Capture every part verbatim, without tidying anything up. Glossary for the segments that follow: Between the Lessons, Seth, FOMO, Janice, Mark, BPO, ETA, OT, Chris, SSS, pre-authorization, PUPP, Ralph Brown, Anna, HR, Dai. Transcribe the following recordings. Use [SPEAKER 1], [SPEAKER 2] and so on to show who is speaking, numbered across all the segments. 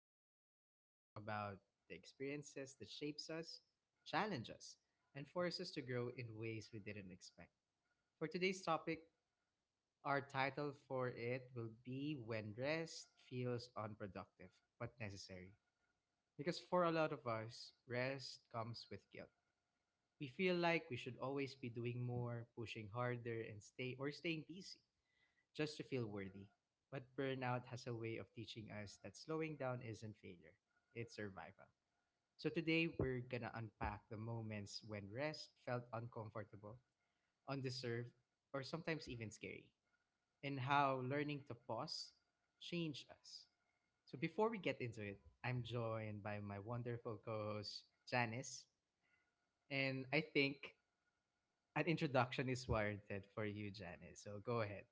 [SPEAKER 1] podcast where we talk about the experiences that shapes us, challenge us, and force us to grow in ways we didn't expect. For today's topic, our title for it will be When Rest Feels Unproductive But Necessary. Because for a lot of us, rest comes with guilt. We feel like we should always be doing more, pushing harder, and stay or staying busy just to feel worthy. But burnout has a way of teaching us that slowing down isn't failure, it's survival. So today we're gonna unpack the moments when rest felt uncomfortable, undeserved, or sometimes even scary, and how learning to pause changed us. So before we get into it, I'm joined by my wonderful co-host Janice, and I think an introduction is warranted for you, Janice. So go ahead.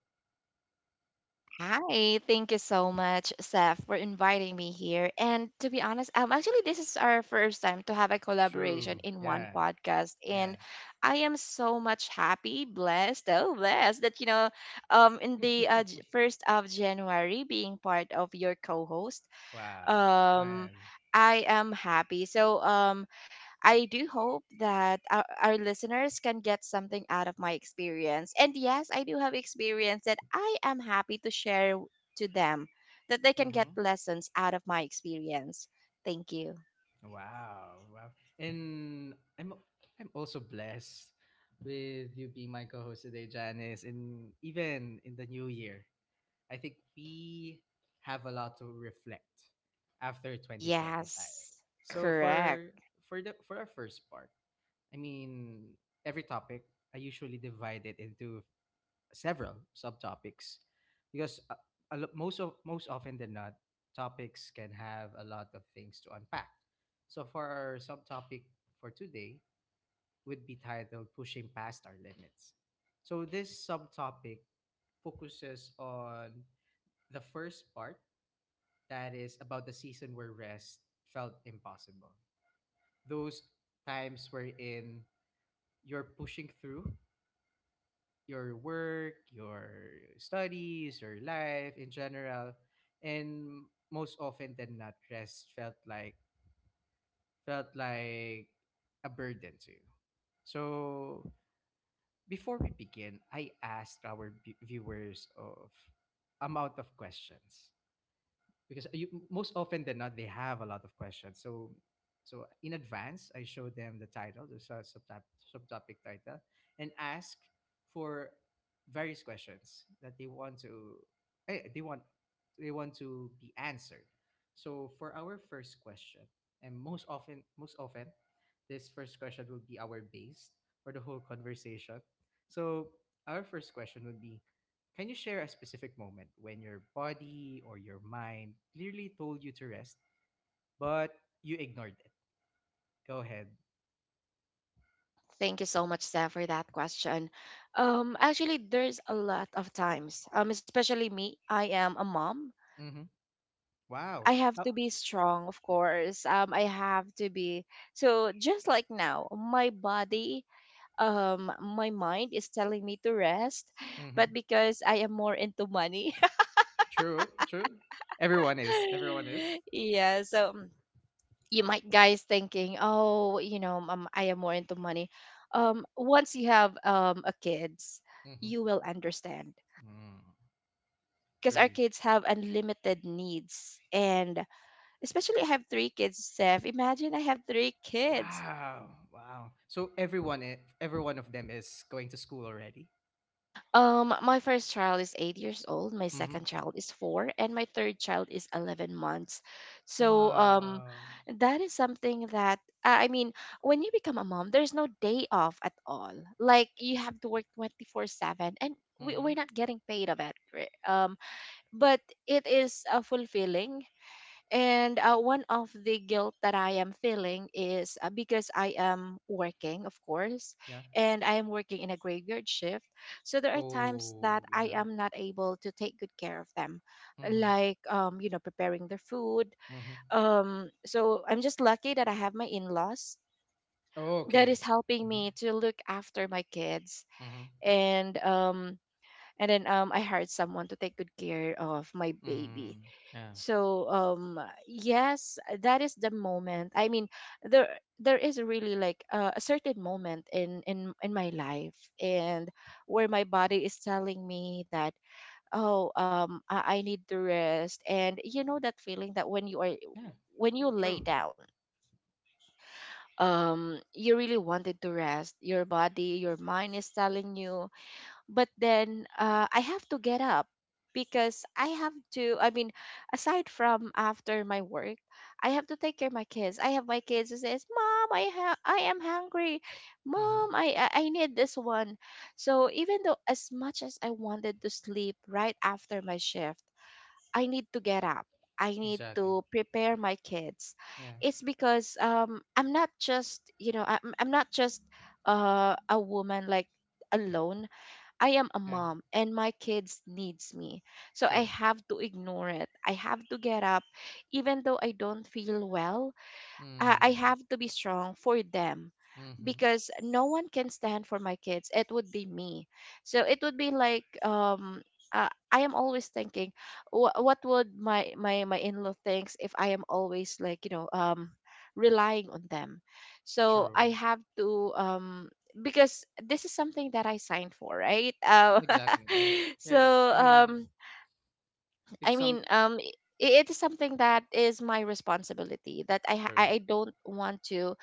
[SPEAKER 2] Hi, thank you so much, Seth, for inviting me here. And to be honest, um, actually, this is our first time to have a collaboration
[SPEAKER 1] True.
[SPEAKER 2] in one
[SPEAKER 1] Yeah.
[SPEAKER 2] podcast,
[SPEAKER 1] Yeah.
[SPEAKER 2] and I am so much happy, blessed, oh blessed that you know, um, in the uh, J- first of January, being part of your co-host.
[SPEAKER 1] Wow,
[SPEAKER 2] um,
[SPEAKER 1] man.
[SPEAKER 2] I am happy. So um, I do hope that our, our listeners can get something out of my experience. And yes, I do have experience that I am happy to share w- to them, that they can get
[SPEAKER 1] Mm-hmm.
[SPEAKER 2] lessons out of my experience. Thank you.
[SPEAKER 1] Wow, wow. And I'm I'm also blessed with you being my co-host today, Janice, and even in the new year. I think we have a lot to reflect after twenty twenty-five.
[SPEAKER 2] Yes,
[SPEAKER 1] So
[SPEAKER 2] correct.
[SPEAKER 1] for for the for our first part, I mean, every topic I usually divide it into several subtopics because uh, a lo- most of most often than not, topics can have a lot of things to unpack. So for our subtopic for today would be titled Pushing Past Our Limits. So this subtopic focuses on the first part, that is about the season where rest felt impossible, those times wherein you're pushing through your work, your studies, your life in general, and most often than not, rest felt like felt like a burden to you. So before we begin, I asked our vi- viewers of amount of questions because, you, most often than not, they have a lot of questions. So so in advance I show them the title, the sub- subtop, subtopic title, and ask for various questions that they want to eh, they want they want to be answered. So for our first question, and most often most often this first question will be our base for the whole conversation, so our first question would be: can you share a specific moment when your body or your mind clearly told you to rest, but you ignored it? Go ahead.
[SPEAKER 2] Thank you so much, Steph, for that question. Um, actually, there's a lot of times, um, especially me. I am a mom.
[SPEAKER 1] Mm-hmm.
[SPEAKER 2] I
[SPEAKER 1] Wow.
[SPEAKER 2] have
[SPEAKER 1] How?
[SPEAKER 2] to be strong, of course. Um, I have to be, so just like now, my body, um my mind is telling me to rest,
[SPEAKER 1] Mm-hmm.
[SPEAKER 2] but because I am more into money.
[SPEAKER 1] True. True. Everyone is. Everyone is.
[SPEAKER 2] Yeah, so mm, you might guys thinking, oh, you know um, I am more into money. Um once you have um a kids,
[SPEAKER 1] Mm-hmm.
[SPEAKER 2] you will understand,
[SPEAKER 1] Mm,
[SPEAKER 2] because our
[SPEAKER 1] truly.
[SPEAKER 2] kids have unlimited needs, and especially I have three kids, Steph. Imagine I have three kids.
[SPEAKER 1] Wow. Wow. So everyone, i- every one of them is going to school already.
[SPEAKER 2] Um, my first child is eight years old, my
[SPEAKER 1] Mm-hmm.
[SPEAKER 2] second child is four, and my third child is eleven months. So, um,
[SPEAKER 1] Wow.
[SPEAKER 2] that is something that, I I mean, when you become a mom, there's no day off at all. Like, you have to work twenty-four seven, and we, we're
[SPEAKER 1] Mm-hmm.
[SPEAKER 2] not getting paid of it, right? Um, but it is uh, fulfilling, and uh, one of the guilt that I am feeling is uh, because I am working, of course,
[SPEAKER 1] Yeah.
[SPEAKER 2] and I am working in a graveyard shift. So there are times that
[SPEAKER 1] Oh,
[SPEAKER 2] I
[SPEAKER 1] yeah.
[SPEAKER 2] am not able to take good care of them,
[SPEAKER 1] Mm-hmm.
[SPEAKER 2] like, um, you know, preparing their food.
[SPEAKER 1] Mm-hmm.
[SPEAKER 2] Um, so I'm just lucky that I have my in laws that is
[SPEAKER 1] Okay.
[SPEAKER 2] helping
[SPEAKER 1] Mm-hmm.
[SPEAKER 2] me to look after my kids,
[SPEAKER 1] Mm-hmm.
[SPEAKER 2] and um and then um I hired someone to take good care of my baby.
[SPEAKER 1] Mm-hmm.
[SPEAKER 2] so um yes, that is the moment, I mean, there there is really like uh, a certain moment in in in my life, and where my body is telling me that, oh, um i, I need to rest. And you know that feeling that when you are,
[SPEAKER 1] Yeah,
[SPEAKER 2] when you lay
[SPEAKER 1] true.
[SPEAKER 2] down, um you really wanted to rest, your body, your mind is telling you, but then uh, I have to get up because I have to. I mean, aside from after my work, I have to take care of my kids. I have my kids who says, "Mom, I ha- I am hungry.
[SPEAKER 1] Mm-hmm.
[SPEAKER 2] Mom, I I I need this one." So even though as much as I wanted to sleep right after my shift, I need to get up. I need
[SPEAKER 1] Exactly.
[SPEAKER 2] to prepare my kids.
[SPEAKER 1] Yeah,
[SPEAKER 2] It's because um, I'm not just, you know I'm, I'm not just uh, a woman like alone. I am a
[SPEAKER 1] yeah,
[SPEAKER 2] mom and my kids needs me. So I
[SPEAKER 1] true.
[SPEAKER 2] have to ignore it. I have to get up even though I don't feel well. I I
[SPEAKER 1] Mm,
[SPEAKER 2] have to be strong for them,
[SPEAKER 1] mm-hmm.
[SPEAKER 2] because no one can stand for my kids. It would be me. So it would be like um uh, I am always thinking wh- what would my my my in-law thinks if I am always like, you know, um relying on them. So
[SPEAKER 1] True.
[SPEAKER 2] I have to um because this is something that I signed for, right? Um,
[SPEAKER 1] Exactly. Yeah.
[SPEAKER 2] so
[SPEAKER 1] Yeah. I mean,
[SPEAKER 2] um I
[SPEAKER 1] it's some
[SPEAKER 2] mean um I- it is something that is my responsibility that I ha- I
[SPEAKER 1] true.
[SPEAKER 2] I don't want to,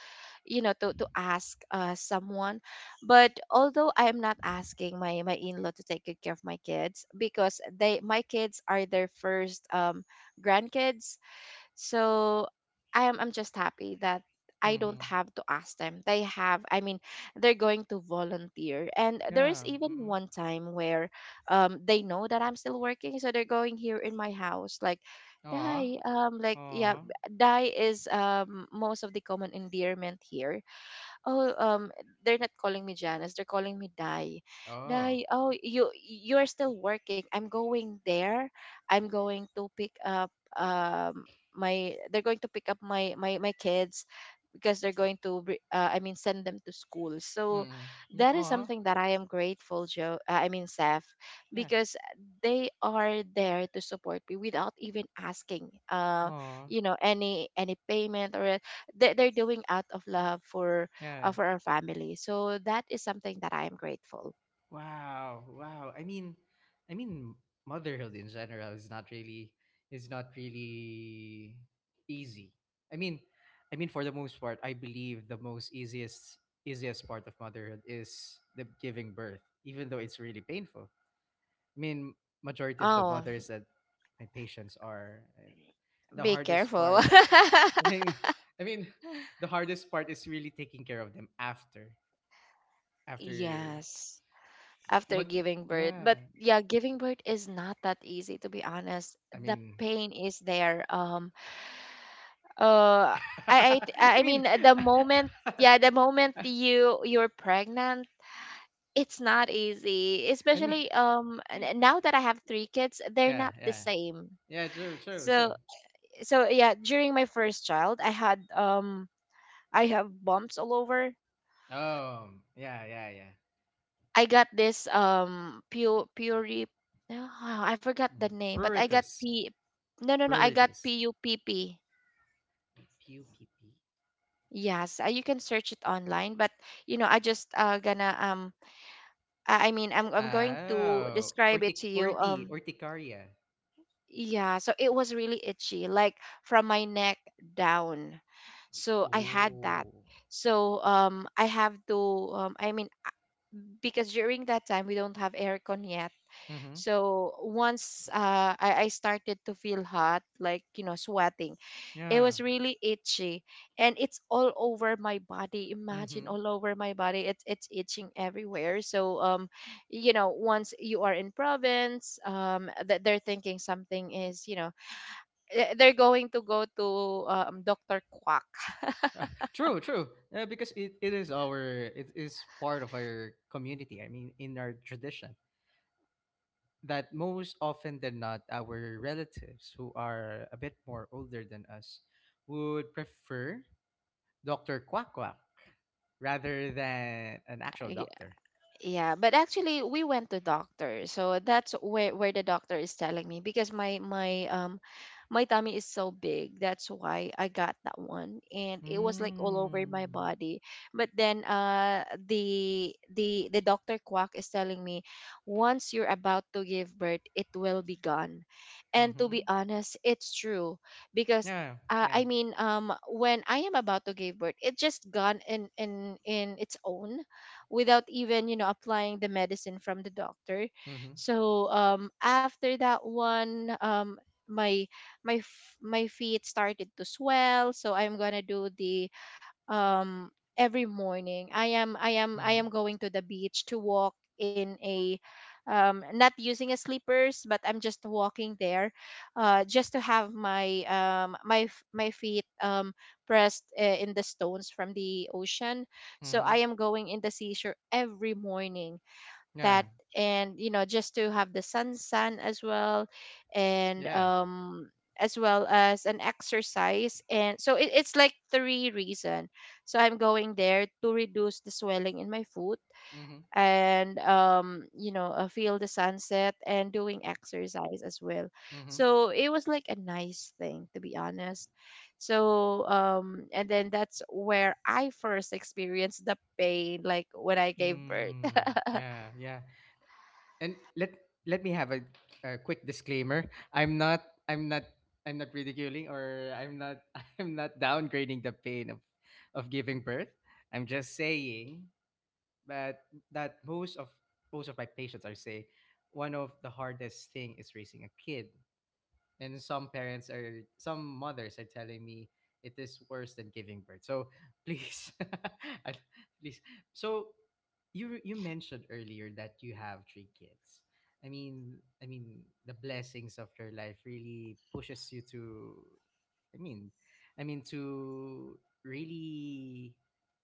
[SPEAKER 2] you know, to to ask uh someone. But although I am not asking my my in-law to take good care of my kids, because they, my kids are their first um grandkids. So i am I'm just happy that I don't
[SPEAKER 1] Mm-hmm.
[SPEAKER 2] have to ask them. They have, I mean, they're going to volunteer. And there is
[SPEAKER 1] Yeah.
[SPEAKER 2] even
[SPEAKER 1] Mm-hmm.
[SPEAKER 2] one time where um they know that I'm still working, so they're going here in my house like,
[SPEAKER 1] Aw.
[SPEAKER 2] Dai, um, like yeah.
[SPEAKER 1] Aw.
[SPEAKER 2] Dai is um most of the common endearment here. oh um they're not calling me Janice, they're calling me Dai.
[SPEAKER 1] Oh.
[SPEAKER 2] Dai, oh, you you're still working, I'm going there. I'm going to pick up um my they're going to pick up my my my kids, because they're going to bri- uh, i mean send them to school. So
[SPEAKER 1] Mm-hmm. Yeah.
[SPEAKER 2] that is
[SPEAKER 1] Aw.
[SPEAKER 2] something that I am grateful, joe, uh, i mean Seth,
[SPEAKER 1] Yeah.
[SPEAKER 2] because they are there to support me without even asking, uh
[SPEAKER 1] Aw.
[SPEAKER 2] you know any any payment or a-, they, they're doing out of love for uh,
[SPEAKER 1] Yeah.
[SPEAKER 2] for our family. So that is something that I am grateful.
[SPEAKER 1] Wow, wow. I mean, I mean, motherhood in general is not really is not really easy. I mean, I mean for the most part, I believe the most easiest easiest part of motherhood is the giving birth, even though it's really painful. I mean, majority of the
[SPEAKER 2] Oh,
[SPEAKER 1] mothers that my patients are uh, the
[SPEAKER 2] be
[SPEAKER 1] hardest
[SPEAKER 2] careful.
[SPEAKER 1] part. I mean, I mean, the hardest part is really taking care of them after after.
[SPEAKER 2] Yes, after
[SPEAKER 1] But
[SPEAKER 2] giving birth. But
[SPEAKER 1] yeah,
[SPEAKER 2] yeah, giving birth is not that easy, to be honest.
[SPEAKER 1] I
[SPEAKER 2] The
[SPEAKER 1] mean.
[SPEAKER 2] pain is there. Um uh I I
[SPEAKER 1] I
[SPEAKER 2] I mean
[SPEAKER 1] mean,
[SPEAKER 2] the moment, yeah, the moment you, you're pregnant, it's not easy.
[SPEAKER 1] I mean,
[SPEAKER 2] Especially um n- now that I have three kids, they're
[SPEAKER 1] yeah,
[SPEAKER 2] not the
[SPEAKER 1] yeah,
[SPEAKER 2] same.
[SPEAKER 1] yeah. True, true, true.
[SPEAKER 2] So so yeah, during my first child, I had um I have bumps all over.
[SPEAKER 1] Um, yeah, yeah, yeah.
[SPEAKER 2] I got this um pure puri, no, I forgot the
[SPEAKER 1] Mm.
[SPEAKER 2] name, but I got
[SPEAKER 1] Pruritus,
[SPEAKER 2] P, no no no, I got
[SPEAKER 1] pruritus.
[SPEAKER 2] P U P P.
[SPEAKER 1] Pew, pew, pew.
[SPEAKER 2] Yes, uh, you can search it online, but you know I just uh gonna um I, I mean I'm I'm going to
[SPEAKER 1] Oh,
[SPEAKER 2] describe it
[SPEAKER 1] urtic,
[SPEAKER 2] to you.
[SPEAKER 1] urti,
[SPEAKER 2] Um
[SPEAKER 1] urticaria.
[SPEAKER 2] yeah, so it was really itchy, like from my neck down, so I had that.
[SPEAKER 1] Oh.
[SPEAKER 2] So um I have to um I mean, because during that time we don't have aircon yet.
[SPEAKER 1] Mm-hmm.
[SPEAKER 2] So once uh, I, I started to feel hot, like, you know, sweating, it
[SPEAKER 1] Yeah.
[SPEAKER 2] was really itchy, and it's all over my body. Imagine
[SPEAKER 1] Mm-hmm.
[SPEAKER 2] all over my body. It's, it's itching everywhere. So, um, you know, once you are in province, um, that they're thinking something is, you know, eh, they're going to go to uh, um, doctor Quack.
[SPEAKER 1] True, true. Uh, because it, it is our it is part of our community. I mean, in our tradition. That most often than not, our relatives who are a bit more older than us would prefer doctor Quack Quack rather than an actual doctor.
[SPEAKER 2] Yeah, but actually we went to doctor. So that's where where the doctor is telling me, because my my um my tummy is so big. That's why I got that one, and it was like all over my
[SPEAKER 1] Mm.
[SPEAKER 2] body. But then uh the the the doctor quack is telling me, once you're about to give birth, it will be gone. And to be
[SPEAKER 1] Mm-hmm.
[SPEAKER 2] honest, it's true because
[SPEAKER 1] Yeah.
[SPEAKER 2] uh,
[SPEAKER 1] Yeah.
[SPEAKER 2] I mean, um, when I am about to give birth, it just gone in in in its own, without even, you know, applying the medicine from the doctor.
[SPEAKER 1] Mm-hmm.
[SPEAKER 2] So um after that one, um my, my f- my feet started to swell, so I'm going to do the um every morning. i am i am I
[SPEAKER 1] Mm-hmm.
[SPEAKER 2] am going to the beach to walk in a um not using a slippers, but I'm just walking there uh just to have my um my f- my feet um pressed uh, in the stones from the ocean. So
[SPEAKER 1] Mm-hmm.
[SPEAKER 2] I am going in the seashore every morning. That
[SPEAKER 1] Yeah.
[SPEAKER 2] and you know, just to have the sun sun as well, and
[SPEAKER 1] Yeah.
[SPEAKER 2] um as well as an exercise. And so it, it's like three reason. So I'm going there to reduce the swelling in my foot,
[SPEAKER 1] Mm-hmm.
[SPEAKER 2] and um you know, uh, feel the sunset and doing exercise as well.
[SPEAKER 1] Mm-hmm.
[SPEAKER 2] So it was like a nice thing, to be honest. So um and then that's where I first experienced the pain, like when I gave birth.
[SPEAKER 1] Mm. Yeah. Yeah. And let let me have a, a quick disclaimer. I'm not i'm not i'm not ridiculing, or I'm not I'm not downgrading the pain of of giving birth. I'm just saying that, that most of most of my patients are saying one of the hardest thing is raising a kid, and some parents, are some mothers are telling me it is worse than giving birth. So please, I- please. So you you mentioned earlier that you have three kids. I mean i mean the blessings of your life really pushes you to i mean i mean to really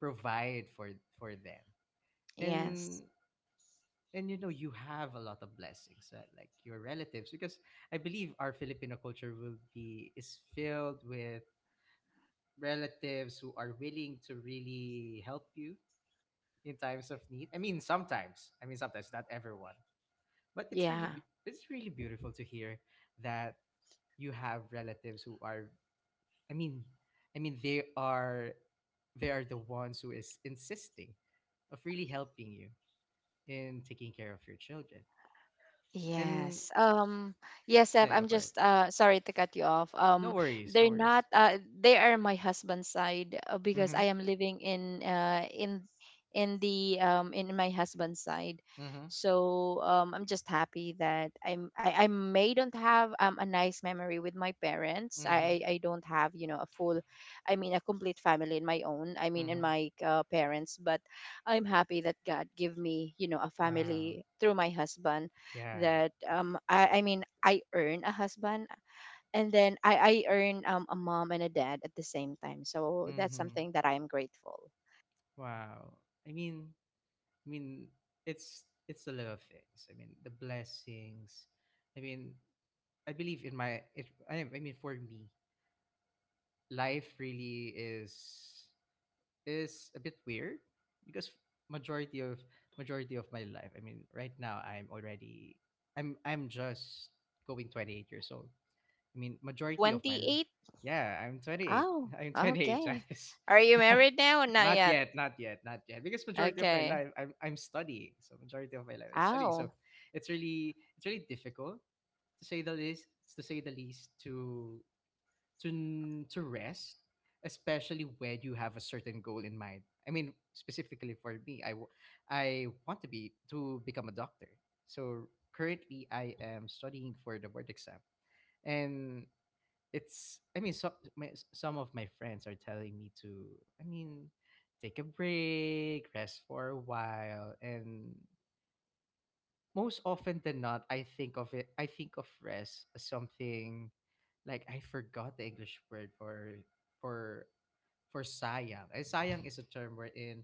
[SPEAKER 1] provide for for them,
[SPEAKER 2] Yes,
[SPEAKER 1] and and you know, you have a lot of blessings, uh, like your relatives, because I believe our Filipino culture will be is filled with relatives who are willing to really help you in times of need. I mean sometimes i mean sometimes not everyone, but it's really
[SPEAKER 2] yeah.
[SPEAKER 1] be- it's really beautiful to hear that you have relatives who are, i mean i mean they are they are the ones who is insisting of really helping you in taking care of your children. And
[SPEAKER 2] Yes. Um yes, Seth,
[SPEAKER 1] Yeah, go
[SPEAKER 2] I'm
[SPEAKER 1] for it.
[SPEAKER 2] just uh sorry to cut you off.
[SPEAKER 1] No
[SPEAKER 2] Um
[SPEAKER 1] worries, no
[SPEAKER 2] they're not
[SPEAKER 1] worries.
[SPEAKER 2] uh they are my husband's side, uh, because
[SPEAKER 1] Mm-hmm.
[SPEAKER 2] I am living in uh in in the um in my husband's side.
[SPEAKER 1] Mm-hmm.
[SPEAKER 2] So um I'm just happy that I'm I, I may don't have um a nice memory with my parents.
[SPEAKER 1] Mm-hmm.
[SPEAKER 2] I I don't have, you know, a full, I mean a complete family in my own. I mean in
[SPEAKER 1] Mm-hmm.
[SPEAKER 2] my uh, parents. But I'm happy that God give me, you know, a
[SPEAKER 1] Wow.
[SPEAKER 2] family through my husband,
[SPEAKER 1] Yeah.
[SPEAKER 2] that um I, I mean I earn a husband, and then I, I earn um a mom and a dad at the same time. So that's
[SPEAKER 1] Mm-hmm.
[SPEAKER 2] something that I'm grateful.
[SPEAKER 1] Wow. I mean I mean it's it's the little things. I mean, the blessings. I mean I believe in my it I I mean for me, life really is is a bit weird because majority of majority of my life, I mean, right now I'm already I'm I'm just going twenty-eight years old. I mean, majority of my,
[SPEAKER 2] Twenty
[SPEAKER 1] l-
[SPEAKER 2] eight?
[SPEAKER 1] yeah, I'm twenty-eight.
[SPEAKER 2] Oh,
[SPEAKER 1] I'm twenty-eight,
[SPEAKER 2] okay.
[SPEAKER 1] Janice.
[SPEAKER 2] Are you married now or not
[SPEAKER 1] Not
[SPEAKER 2] yet?
[SPEAKER 1] yet, not yet, not yet. Because majority of my
[SPEAKER 2] Okay.
[SPEAKER 1] life, I'm I'm studying. So majority of my life is studying. So
[SPEAKER 2] Oh.
[SPEAKER 1] it's really it's really difficult, to say the least. To say the least, to to n- to rest, especially when you have a certain goal in mind. I mean, specifically for me, I w- I want to be to become a doctor. So currently, I am studying for the board exam. And it's I mean so, my, some of my friends are telling me to, i mean take a break, rest for a while. And most often than not, I think of it, I think of rest as something like, I forgot the English word for for for sayang. Eh, sayang is a term wherein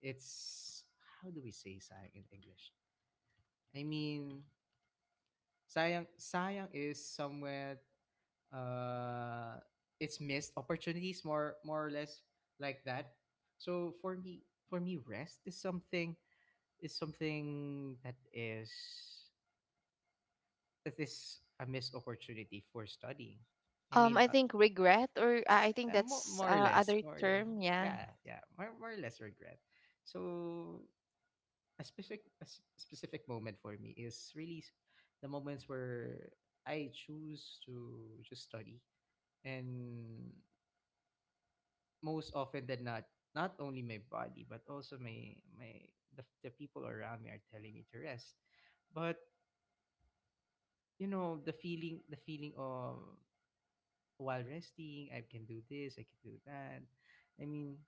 [SPEAKER 1] it's, how do we say sayang in English? i mean sayang Sayang is somewhere, uh, it's missed opportunities, more more or less, like that. So for me, for me, rest is something, is something that is that is a missed opportunity for studying. I
[SPEAKER 2] Um
[SPEAKER 1] mean
[SPEAKER 2] I
[SPEAKER 1] uh,
[SPEAKER 2] think regret, or I I think
[SPEAKER 1] uh, mo-
[SPEAKER 2] that's
[SPEAKER 1] more or
[SPEAKER 2] uh,
[SPEAKER 1] less
[SPEAKER 2] other
[SPEAKER 1] more or less
[SPEAKER 2] term, yeah.
[SPEAKER 1] yeah, yeah, more, more or less regret. So a specific, a s- specific moment for me is really s- the moments where I choose to just study, and most often than not, not only my body but also my my the, the people around me are telling me to rest. But you know, the feeling, the feeling of, while resting, I can do this, I can do that. i mean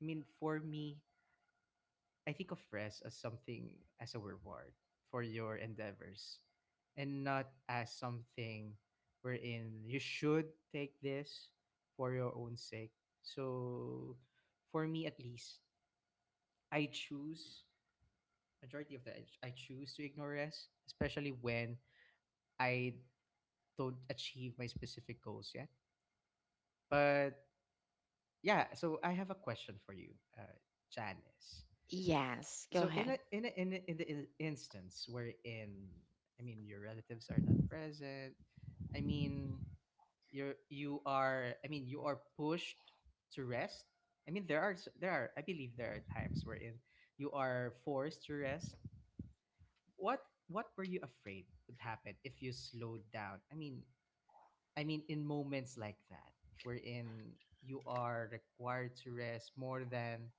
[SPEAKER 1] i mean for me, I think of rest as something, as a reward for your endeavors, and not as something wherein you should take this for your own sake. So for me at least, I choose, majority of the, I choose to ignore rest, especially when I don't achieve my specific goals yet. But yeah, so I have a question for you, uh, Janice.
[SPEAKER 2] Yes, go
[SPEAKER 1] So in
[SPEAKER 2] ahead.
[SPEAKER 1] a, in a, in a, in the in- instance wherein, I mean, your relatives are not present, I mean you're, you are, I mean, you are pushed to rest. I mean, there are, s- there are I believe there are times wherein you are forced to rest. what what were you afraid would happen if you slowed down? I mean i mean in moments like that, wherein you are required to rest more than,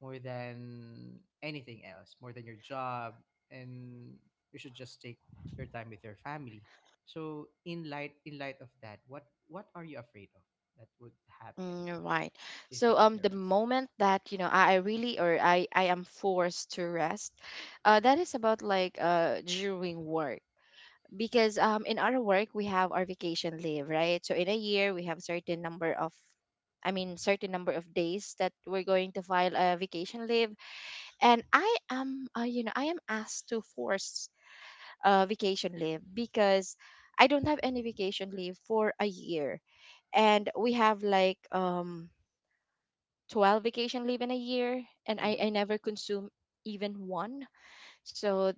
[SPEAKER 1] more than anything else, more than your job, and you should just take your time with your family. So in light, in light of that, what what are you afraid of that would happen
[SPEAKER 2] Mm, right.
[SPEAKER 1] if you
[SPEAKER 2] So
[SPEAKER 1] took
[SPEAKER 2] um
[SPEAKER 1] your
[SPEAKER 2] the
[SPEAKER 1] rest?
[SPEAKER 2] moment that, you know, I, I really, or I I am forced to rest, uh that is about like uh during work, because um in our work we have our vacation leave, right? So in a year we have certain number of I mean certain number of days that we're going to file a vacation leave. And I am uh, you know I am asked to force uh vacation leave because I don't have any vacation leave for a year, and we have like um twelve vacation leave in a year, and I,
[SPEAKER 1] Mm-hmm.
[SPEAKER 2] I never consume even one. So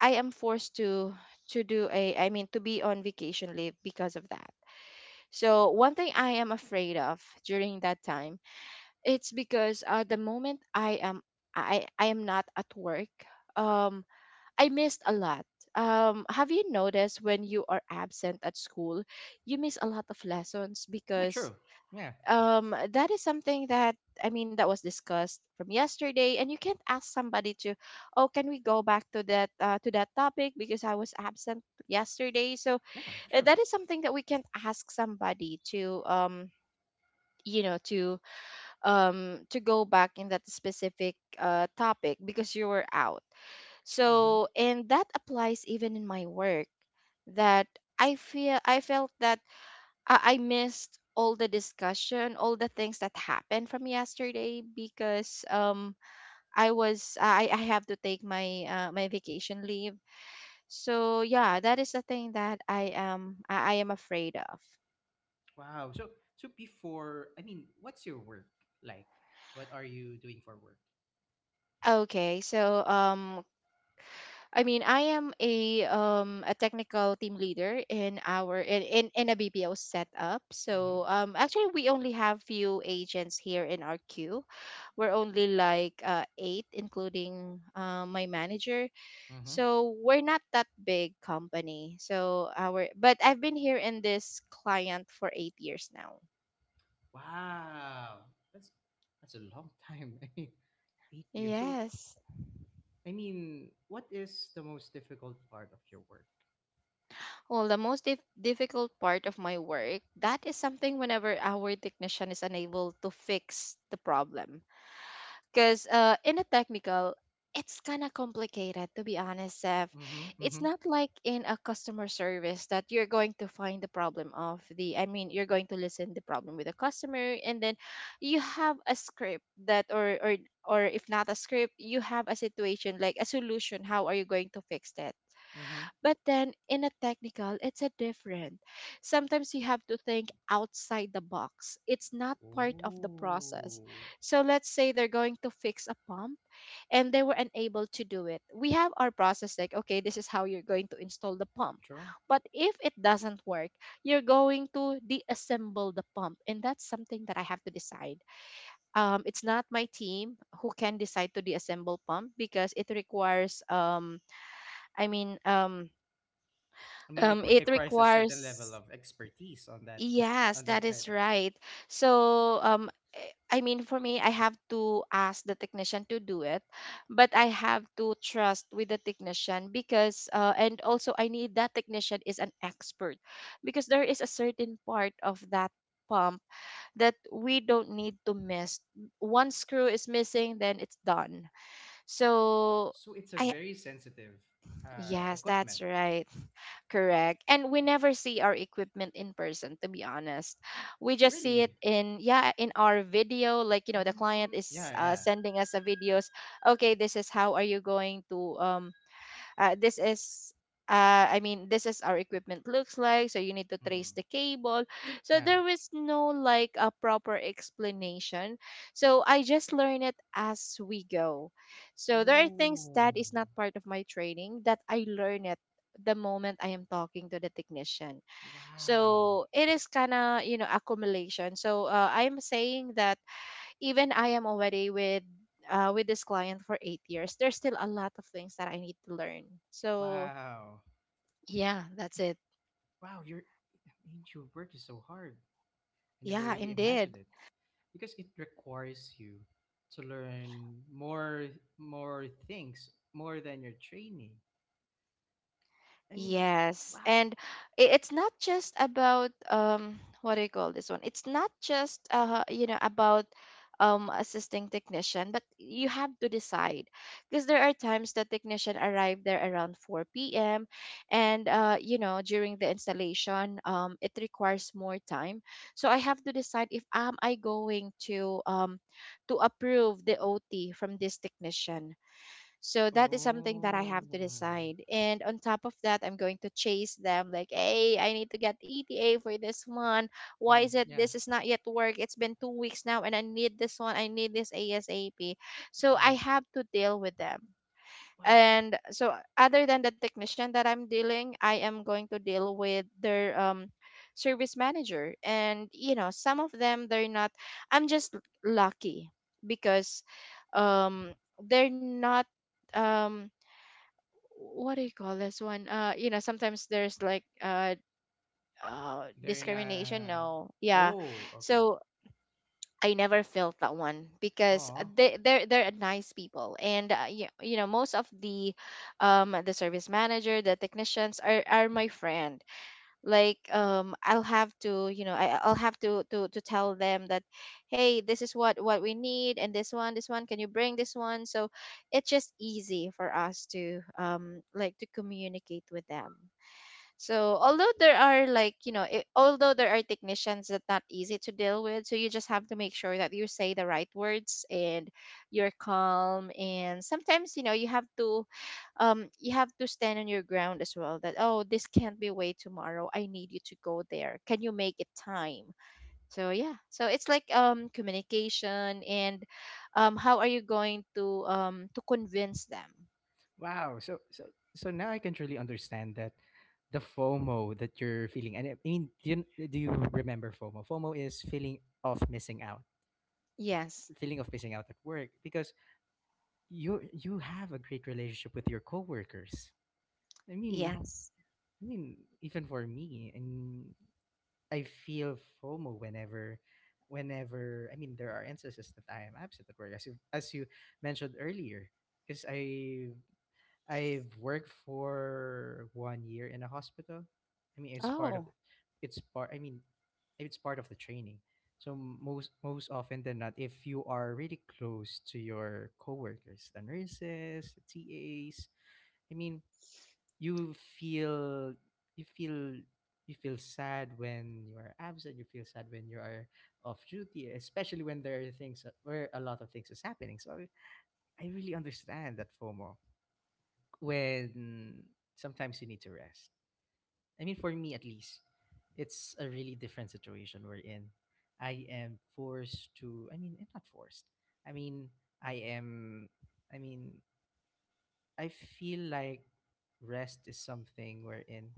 [SPEAKER 2] i am forced to to do a i mean to be on vacation leave because of that. So one thing I am afraid of during that time, it's because uh, the moment i am i i am not at work, um I missed a lot. Um have you noticed when you are absent at school, you miss a lot of lessons
[SPEAKER 1] Yeah,
[SPEAKER 2] because
[SPEAKER 1] true. Yeah.
[SPEAKER 2] um that is something that i mean that was discussed from yesterday, and you can't ask somebody to, oh, can we go back to that uh, to that topic because I was absent yesterday? So
[SPEAKER 1] Yeah,
[SPEAKER 2] uh,
[SPEAKER 1] true.
[SPEAKER 2] that is something that we can't ask somebody to um you know to um to go back in that specific uh topic because you were out.
[SPEAKER 1] Mm-hmm.
[SPEAKER 2] So, and that applies even in my work, that i feel I felt that I I missed all the discussion, all the things that happened from yesterday because um I was I I have to take my uh, my vacation leave. So yeah, that is the thing that I am I, I am afraid of.
[SPEAKER 1] Wow. So so before, I mean, what's your work like? What are you doing for work?
[SPEAKER 2] Okay, so um I mean, I am a um a technical team leader in our in in, in a B P O setup.
[SPEAKER 1] Mm-hmm.
[SPEAKER 2] So um actually we only have few agents here in our queue. We're only like uh, eight, including uh, my manager.
[SPEAKER 1] Mm-hmm.
[SPEAKER 2] So we're not that big company. So our, but I've been here in this client for eight years now.
[SPEAKER 1] Wow. That's that's a long time. I mean, eight years. So
[SPEAKER 2] Yes.
[SPEAKER 1] I mean, what is the most difficult part of your work?
[SPEAKER 2] Well, the most dif- difficult part of my work, that is something whenever our technician is unable to fix the problem. Because uh, in a technical, it's kind of complicated, to be honest, Seth.
[SPEAKER 1] Mm-hmm.
[SPEAKER 2] It's
[SPEAKER 1] Mm-hmm.
[SPEAKER 2] not like in a customer service that you're going to find the problem of the, I mean, you're going to listen the problem with the customer, and then you have a script that, or, or, or if not a script, you have a situation like a solution. How are you going to fix that?
[SPEAKER 1] Mm-hmm.
[SPEAKER 2] But then in a technical, it's a different. Sometimes you have to think outside the box. It's not part of the process.
[SPEAKER 1] Oh.
[SPEAKER 2] So let's say they're going to fix a pump and they were unable to do it. We have our process like, okay, this is how you're going to install the pump.
[SPEAKER 1] True.
[SPEAKER 2] But if it doesn't work, you're going to deassemble the pump. And that's something that I have to decide. Um, it's not my team who can decide to deassemble pump because it requires, um, I mean, um,
[SPEAKER 1] I mean, it
[SPEAKER 2] um, it
[SPEAKER 1] requires a certain level
[SPEAKER 2] requires,
[SPEAKER 1] of expertise on that,
[SPEAKER 2] yes,
[SPEAKER 1] on that
[SPEAKER 2] that
[SPEAKER 1] kind
[SPEAKER 2] is
[SPEAKER 1] of.
[SPEAKER 2] right. So, um, eh, I mean, for me, I have to ask the technician to do it, but I have to trust with the technician because, uh, and also I need that technician is an expert because there is a certain part of that pump that we don't need to miss. One screw is missing, then it's done. So,
[SPEAKER 1] So it's a
[SPEAKER 2] I,
[SPEAKER 1] very sensitive uh,
[SPEAKER 2] yes,
[SPEAKER 1] equipment.
[SPEAKER 2] that's right. Correct. And we never see our equipment in person, to be honest. We just see it
[SPEAKER 1] Really?
[SPEAKER 2] in, yeah, in our video. Like, you know, the client
[SPEAKER 1] Mm,
[SPEAKER 2] is
[SPEAKER 1] yeah,
[SPEAKER 2] uh,
[SPEAKER 1] yeah.
[SPEAKER 2] sending us a videos. Okay, this is how are you going to um uh, this is uh, I mean, this is our equipment looks like, so you need to trace
[SPEAKER 1] Hmm.
[SPEAKER 2] the cable. So
[SPEAKER 1] Yeah.
[SPEAKER 2] there is no like a proper explanation. So I just learn it as we go. So there are things
[SPEAKER 1] Ooh.
[SPEAKER 2] that is not part of my training that I learn it the moment I am talking to the technician.
[SPEAKER 1] Wow.
[SPEAKER 2] So it is kind of, you know, accumulation. So uh, I'm saying that even I am already with uh, with this client for eight years, there's still a lot of things that I need to learn. So
[SPEAKER 1] Wow.
[SPEAKER 2] yeah, that's it.
[SPEAKER 1] Wow. Your ancient work is so hard. I never
[SPEAKER 2] Yeah,
[SPEAKER 1] really imagined
[SPEAKER 2] indeed.
[SPEAKER 1] it because it requires you to learn more, more things, more than your training. I mean,
[SPEAKER 2] Yes,
[SPEAKER 1] wow.
[SPEAKER 2] and i- it's not just about um what do you call this one? It's not just uh you know about um assisting technician, but you have to decide because there are times that technician arrive there around four p m, and uh you know during the installation um it requires more time. So I have to decide if am I going to um to approve the O T from this technician, so that is something that I
[SPEAKER 1] Oh.
[SPEAKER 2] have to decide. And on top of that, I'm going to chase them like, hey, I need to get E T A for this one. Why
[SPEAKER 1] Hmm.
[SPEAKER 2] is it
[SPEAKER 1] Yeah.
[SPEAKER 2] this is not yet work? It's been two weeks now and I need this one. I need this ASAP. So
[SPEAKER 1] Yeah.
[SPEAKER 2] I have to deal with them,
[SPEAKER 1] Wow.
[SPEAKER 2] and so other than the technician that I'm dealing, I am going to deal with their um service manager. And you know some of them they're not, I'm just l- lucky because um they're not um what do you call this one? Uh you know sometimes there's like uh, uh
[SPEAKER 1] They're in
[SPEAKER 2] discrimination,
[SPEAKER 1] a.
[SPEAKER 2] no, yeah.
[SPEAKER 1] Oh. Okay.
[SPEAKER 2] So I never felt that one because uh,
[SPEAKER 1] Oh.
[SPEAKER 2] they they're they're nice people, and uh, you, you know most of the um the service manager, the technicians are are my friend. Like um I'll have to you know, I, I'll have to to to tell them that hey, this is what what we need, and this one, this one, can you bring this one? So it's just easy for us to um like to communicate with them. So although there are like you know it, although there are technicians that not easy to deal with, so you just have to make sure that you say the right words and you're calm. And sometimes you know you have to um you have to stand on your ground as well. That oh this can't be way tomorrow. I need you to go there. Can you make it time? So yeah, so it's like um communication, and um how are you going to um to convince them?
[SPEAKER 1] Wow. So so so now I can truly understand that, the FOMO that you're feeling. And I mean, do you, do you remember FOMO? FOMO is feeling of missing out,
[SPEAKER 2] Yes,
[SPEAKER 1] feeling of missing out at work, because you you have a great relationship with your coworkers. I mean,
[SPEAKER 2] yes.
[SPEAKER 1] I mean, even for me, and I feel FOMO whenever whenever I mean there are instances that I am absent at work as you as you mentioned earlier because I I've worked for one year in a hospital. I mean, it's part of,
[SPEAKER 2] Oh
[SPEAKER 1] it's part. I mean, it's part of the training. So most most often than not, if you are really close to your coworkers, the nurses, the T As, I mean, you feel you feel you feel sad when you are absent. You feel sad when you are off duty, especially when there are things where a lot of things is happening. So I, I really understand that FOMO when sometimes you need to rest. I mean, for me at least, it's a really different situation we're in. I am forced to, I mean, eh, not forced. I mean, I am, I mean, I feel like rest is something we're in.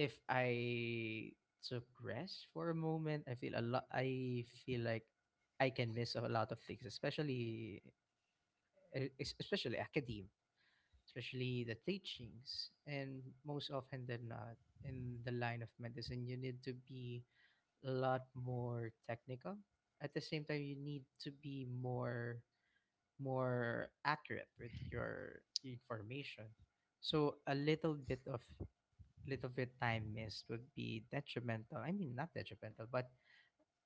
[SPEAKER 1] If I took rest for a moment, I feel a lot, I feel like I can miss a lot of things, especially, eh, es- especially academe, especially the teachings. And most often than not, in the line of medicine, you need to be a lot more technical. At the same time, you need to be more more accurate with your information. So a little bit of little bit time missed would be detrimental. I mean, not detrimental, but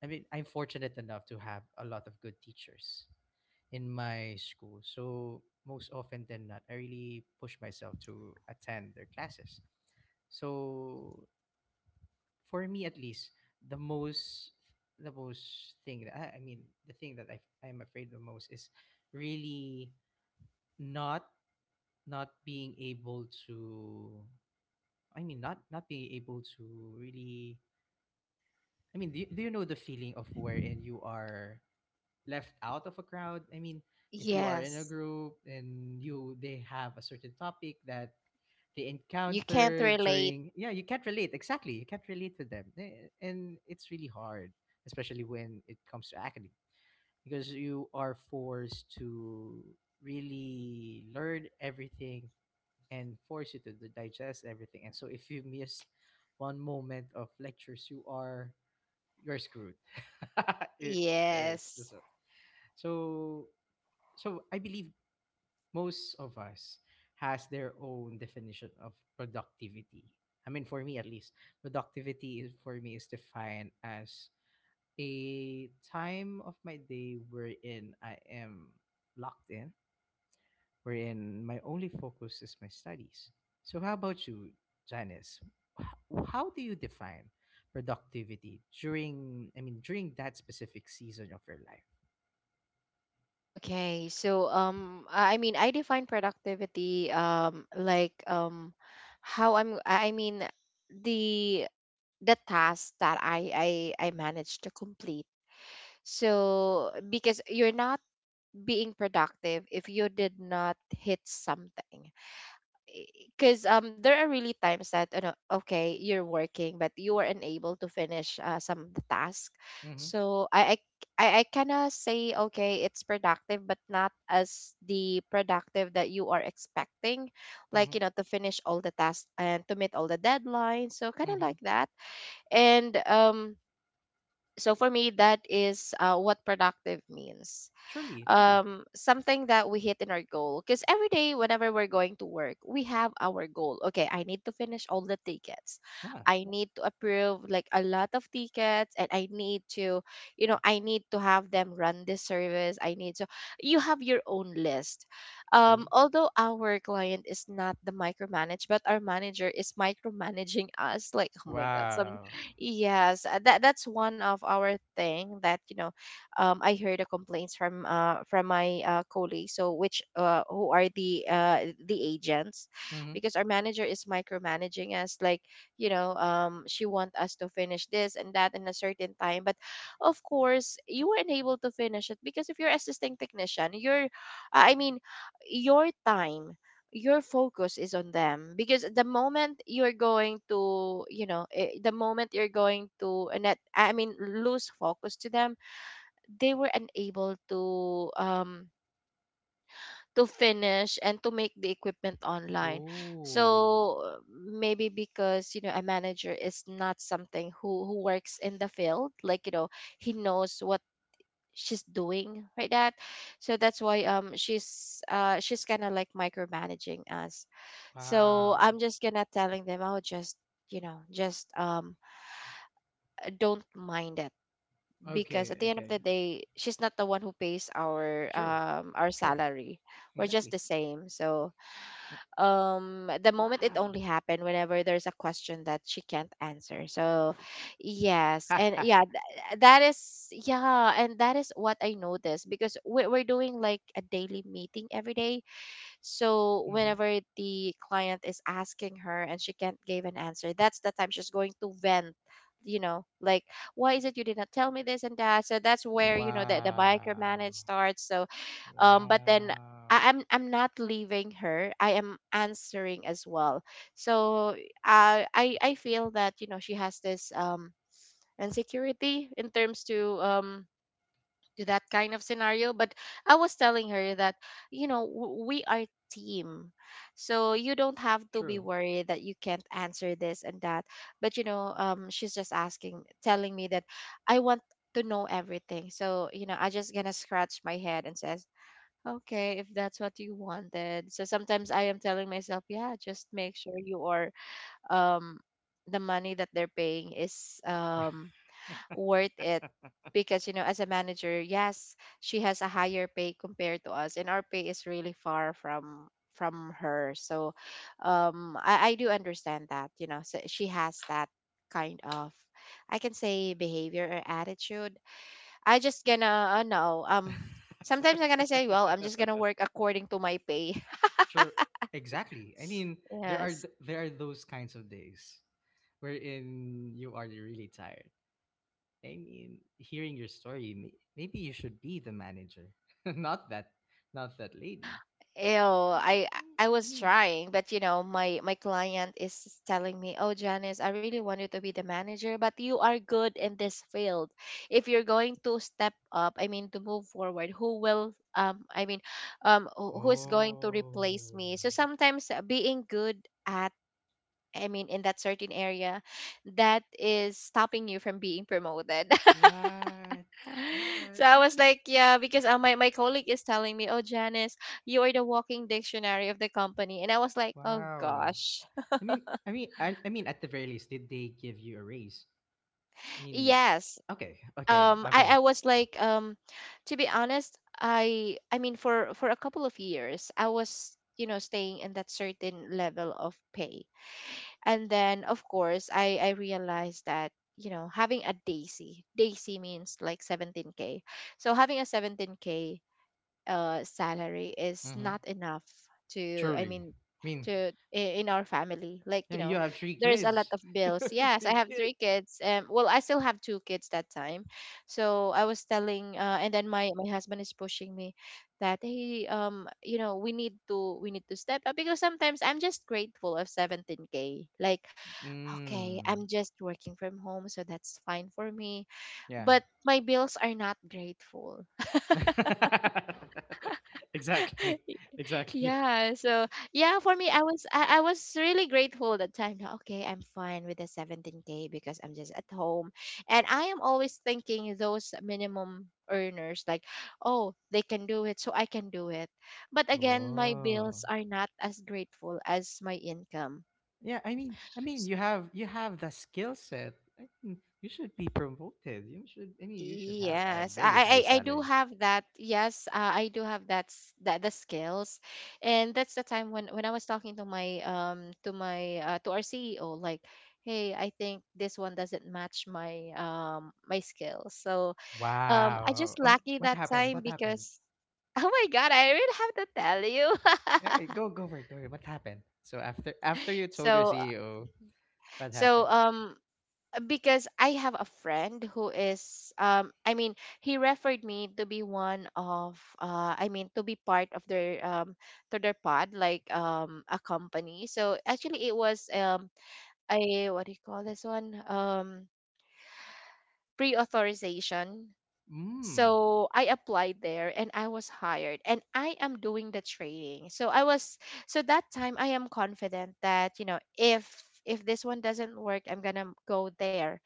[SPEAKER 1] I mean, I'm fortunate enough to have a lot of good teachers in my school. So most often than not, I really push myself to attend their classes. So for me at least, the most the most thing that I, I mean the thing that I I'm afraid the most is really not not being able to I mean not not being able to really. I mean, do you, do you know the feeling of wherein you are left out of a crowd. I mean, if you are in a
[SPEAKER 2] yes.
[SPEAKER 1] group and you they have a certain topic that they
[SPEAKER 2] You can't
[SPEAKER 1] encounter
[SPEAKER 2] relate.
[SPEAKER 1] during, yeah, you can't relate, exactly, you can't relate to them. Eh, and it's really hard, especially when it comes to academic, because you are forced to really learn everything and force you to d- digest everything. And so if you miss one moment of lectures, you are, you're screwed. It is,
[SPEAKER 2] Yes.
[SPEAKER 1] so so so I believe most of us has their own definition of productivity. I mean, for me at least, productivity is, for me is defined as a time of my day wherein I am locked in, wherein my only focus is my studies. So, how about you, Janice? H- How do you define productivity during? I mean, during that specific season of your life.
[SPEAKER 2] Okay. So um I I mean I define productivity um like um how I'm I I mean the the task that I I I managed to complete. So because you're not being productive if you did not hit something. Because um there are really times that you know, okay you're working but you are unable to finish uh, some of the task.
[SPEAKER 1] Mm-hmm.
[SPEAKER 2] So i i i kind of say okay it's productive but not as the productive that you are expecting, like
[SPEAKER 1] Mm-hmm.
[SPEAKER 2] you know to finish all the tasks and to meet all the deadlines, so kind of
[SPEAKER 1] Mm-hmm.
[SPEAKER 2] like that. And um so for me that is uh, what productive means,
[SPEAKER 1] Truly, truly.
[SPEAKER 2] um something that we hit in our goal. Because every day whenever we're going to work we have our goal, okay I need to finish all the tickets,
[SPEAKER 1] Yeah.
[SPEAKER 2] I need to approve like a lot of tickets, and I need to you know I need to have them run this service, I need to, you have your own list. Um
[SPEAKER 1] True.
[SPEAKER 2] although our client is not the micromanage but our manager is micromanaging us like oh my god, some,
[SPEAKER 1] Wow.
[SPEAKER 2] yes. Uh, that that's one of our thing that you know, um, I heard the complaints from uh, from my uh, colleagues, so which uh, who are the uh, the agents,
[SPEAKER 1] Mm-hmm.
[SPEAKER 2] because our manager is micromanaging us, like you know, um, she want us to finish this and that in a certain time, but of course you weren't able to finish it because if you're assisting technician, your, I mean, your time, your focus is on them, because the moment you're going to you know eh, the moment you're going to uh, net I mean lose focus to them, they were unable to um to finish and to make the equipment online.
[SPEAKER 1] Ooh.
[SPEAKER 2] So maybe because you know a manager is not something who who works in the field, like you know, he knows what she's doing, right? That, so that's why um she's uh she's kind of like micromanaging us. So
[SPEAKER 1] Wow.
[SPEAKER 2] I'm just gonna telling them oh just, you know, just um don't mind it, because at
[SPEAKER 1] Okay.
[SPEAKER 2] the end of
[SPEAKER 1] Okay.
[SPEAKER 2] the day she's not the one who pays our
[SPEAKER 1] True.
[SPEAKER 2] um our
[SPEAKER 1] True.
[SPEAKER 2] salary. We're just
[SPEAKER 1] Exactly.
[SPEAKER 2] the same. So um the moment it
[SPEAKER 1] Wow.
[SPEAKER 2] only happened whenever there's a question that she can't answer. So yes,
[SPEAKER 1] mm-hmm.
[SPEAKER 2] and yeah, th- that is, yeah, and that is what I noticed because we're, we're doing like a daily meeting every day. So whenever the client is asking her and she can't give an answer, that's the time she's going to vent, you know, like, why is it you did not tell me this and that? So that's where, you know, the, the micromanage
[SPEAKER 1] Wow.
[SPEAKER 2] starts. So um but then
[SPEAKER 1] Wow.
[SPEAKER 2] I, I'm I'm not leaving her. I am answering as well. So, uh, I I feel that, you know, she has this um insecurity in terms to um to that kind of scenario. But I was telling her that, you know, w- we are team. So you don't have to be
[SPEAKER 1] True.
[SPEAKER 2] worried that you can't answer this and that. But, you know, um she's just asking telling me that I want to know everything. So, you know, I just gonna scratch my head and says okay if that's what you wanted. So sometimes I am telling myself, yeah, just make sure you are um the money that they're paying is um worth it. Because, you know, as a manager, yes, she has a higher pay compared to us, and our pay is really far from from her. So um i, I do understand that, you know. So she has that kind of, I can say, behavior or attitude. I just gonna uh, no, um sometimes I'm gonna say, well, I'm just gonna work according to my pay.
[SPEAKER 1] True. Exactly. I mean, there are
[SPEAKER 2] Yes.
[SPEAKER 1] th- there are those kinds of days wherein you are really tired. I mean, hearing your story, may- maybe you should be the manager, not that, not that lady.
[SPEAKER 2] Ew,
[SPEAKER 1] Mm,
[SPEAKER 2] I
[SPEAKER 1] mm,
[SPEAKER 2] I
[SPEAKER 1] I
[SPEAKER 2] was
[SPEAKER 1] mean,
[SPEAKER 2] trying, but you know, my my client is telling me, "Oh, Janice, I really wanted to be the manager, but you are good in this field. If you're going to step up, I mean, to move forward, who will um I mean, um who who is going to replace
[SPEAKER 1] oh,
[SPEAKER 2] me?" So sometimes, uh, being good at, I mean, in that certain area, that is stopping you from being promoted.
[SPEAKER 1] what, what?
[SPEAKER 2] So
[SPEAKER 1] I
[SPEAKER 2] I was
[SPEAKER 1] mean,
[SPEAKER 2] like, yeah, because uh, my my colleague is telling me, "Oh, Janice, you are the walking dictionary of the company," and I was like, oh
[SPEAKER 1] wow.
[SPEAKER 2] gosh.
[SPEAKER 1] I mean, I mean, I, I mean, at the very least, did they give you a raise? I mean,
[SPEAKER 2] Yes.
[SPEAKER 1] okay, okay,
[SPEAKER 2] Um, I I
[SPEAKER 1] okay.
[SPEAKER 2] was like, um, to be honest, I I mean, for for a couple of years, I was, you know, staying in that certain level of pay, and then of course I I realized that. You know, having a Daisy. Daisy means like seventeen k. So having a seventeen k uh, salary is
[SPEAKER 1] Mm-hmm.
[SPEAKER 2] not enough to, I
[SPEAKER 1] Truly,
[SPEAKER 2] mean,
[SPEAKER 1] I mean,
[SPEAKER 2] to i- in our family, like,
[SPEAKER 1] yeah,
[SPEAKER 2] you
[SPEAKER 1] you
[SPEAKER 2] know,
[SPEAKER 1] have three
[SPEAKER 2] there's a lot
[SPEAKER 1] kids,
[SPEAKER 2] of bills. Yes, I
[SPEAKER 1] three
[SPEAKER 2] have
[SPEAKER 1] kids.
[SPEAKER 2] three kids. Um well, I still have two kids that time. So I was telling, uh, and then my my husband is pushing me that, hey, um you know, we need to we need to step up because sometimes I'm just grateful of seventeen k, like, okay, I'm
[SPEAKER 1] Mm,
[SPEAKER 2] just working from home, so that's fine for me,
[SPEAKER 1] yeah,
[SPEAKER 2] but my bills are not grateful.
[SPEAKER 1] exactly, exactly.
[SPEAKER 2] Yeah, so yeah, for me, I was I, I was really grateful that time. That, okay, I'm fine with the seventeen k because I'm just at home. And I am always thinking those minimum earners, like, oh, they can do it, so I can do it. But again, my
[SPEAKER 1] Oh.
[SPEAKER 2] bills are not as grateful as my income.
[SPEAKER 1] Yeah, i mean i mean you have, you have the skill set. I mean, you should be promoted, you should i mean you should have a
[SPEAKER 2] Yes,
[SPEAKER 1] very high
[SPEAKER 2] I, I I do
[SPEAKER 1] salary.
[SPEAKER 2] have that. Yes, uh, I do have that s- that the skills, and that's the time when when I was talking to my, um to my, uh, to our C E O, like, hey, I think this one doesn't match my, um my skills. So um I
[SPEAKER 1] Wow,
[SPEAKER 2] just
[SPEAKER 1] oh,
[SPEAKER 2] lucky
[SPEAKER 1] what
[SPEAKER 2] that
[SPEAKER 1] happened,
[SPEAKER 2] time
[SPEAKER 1] what happened?
[SPEAKER 2] because oh my god, I really have to tell you.
[SPEAKER 1] Yeah, go, go for it, go for it. What happened? So after, after you told your
[SPEAKER 2] so
[SPEAKER 1] CEO, what
[SPEAKER 2] so
[SPEAKER 1] happened?
[SPEAKER 2] um because I have a friend who is, um I mean, he referred me to be one of, uh I mean, to be part of their, um to their pod, like, um a company. So actually it was, um a, what do you call this one? Um Pre-authorization.
[SPEAKER 1] Mm.
[SPEAKER 2] So I applied there and I was hired and I am doing the trading. So I was, so that time I am confident that, you know, if if this one doesn't work, I'm going to go there.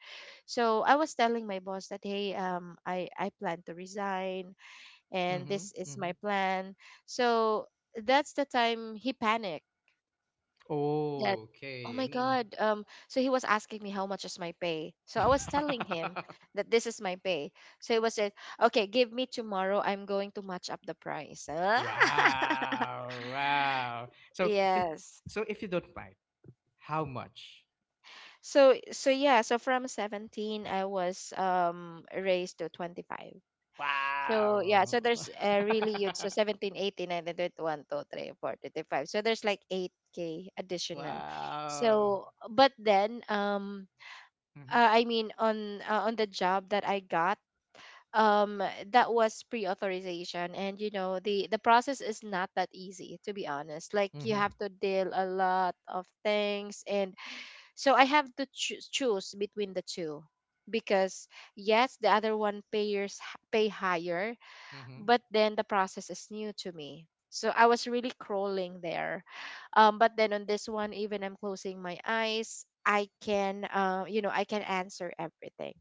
[SPEAKER 2] So I was telling my boss that, hey, um I I plan to resign, and
[SPEAKER 1] Mm-hmm,
[SPEAKER 2] this is my
[SPEAKER 1] mm-hmm.
[SPEAKER 2] plan. So that's the time he panicked, that, oh
[SPEAKER 1] Okay, I
[SPEAKER 2] my
[SPEAKER 1] mean.
[SPEAKER 2] god, um so he was asking me how much is my pay. So I was telling him that this is my pay. So he was said, okay, give me tomorrow, I'm going to match up the price.
[SPEAKER 1] Wow. Wow. So if,
[SPEAKER 2] Yes.
[SPEAKER 1] so if you don't mind, how much?
[SPEAKER 2] So so yeah, so from seventeen I was um raised to twenty-five. So yeah, so
[SPEAKER 1] Wow.
[SPEAKER 2] there's a really huge. So seventeen, eighteen, nineteen, twenty, twenty-one, twenty-three, twenty-four, twenty-five, so there's like eight k additional.
[SPEAKER 1] Wow.
[SPEAKER 2] So but then, um
[SPEAKER 1] Mhm.
[SPEAKER 2] uh, I mean on, uh, on the job that I got, um that was pre-authorization. And you know, the the process is not that easy, to be honest. Like, you
[SPEAKER 1] Mhm.
[SPEAKER 2] have to deal a lot of things, and so I have to choo- choose between the two because, yes, the other one payers h- pay higher,
[SPEAKER 1] Mhm.
[SPEAKER 2] but then the process is new to me. So I was really crawling there. Um, but then on this one, even I'm closing my eyes, I can, uh, you know, I can answer everything.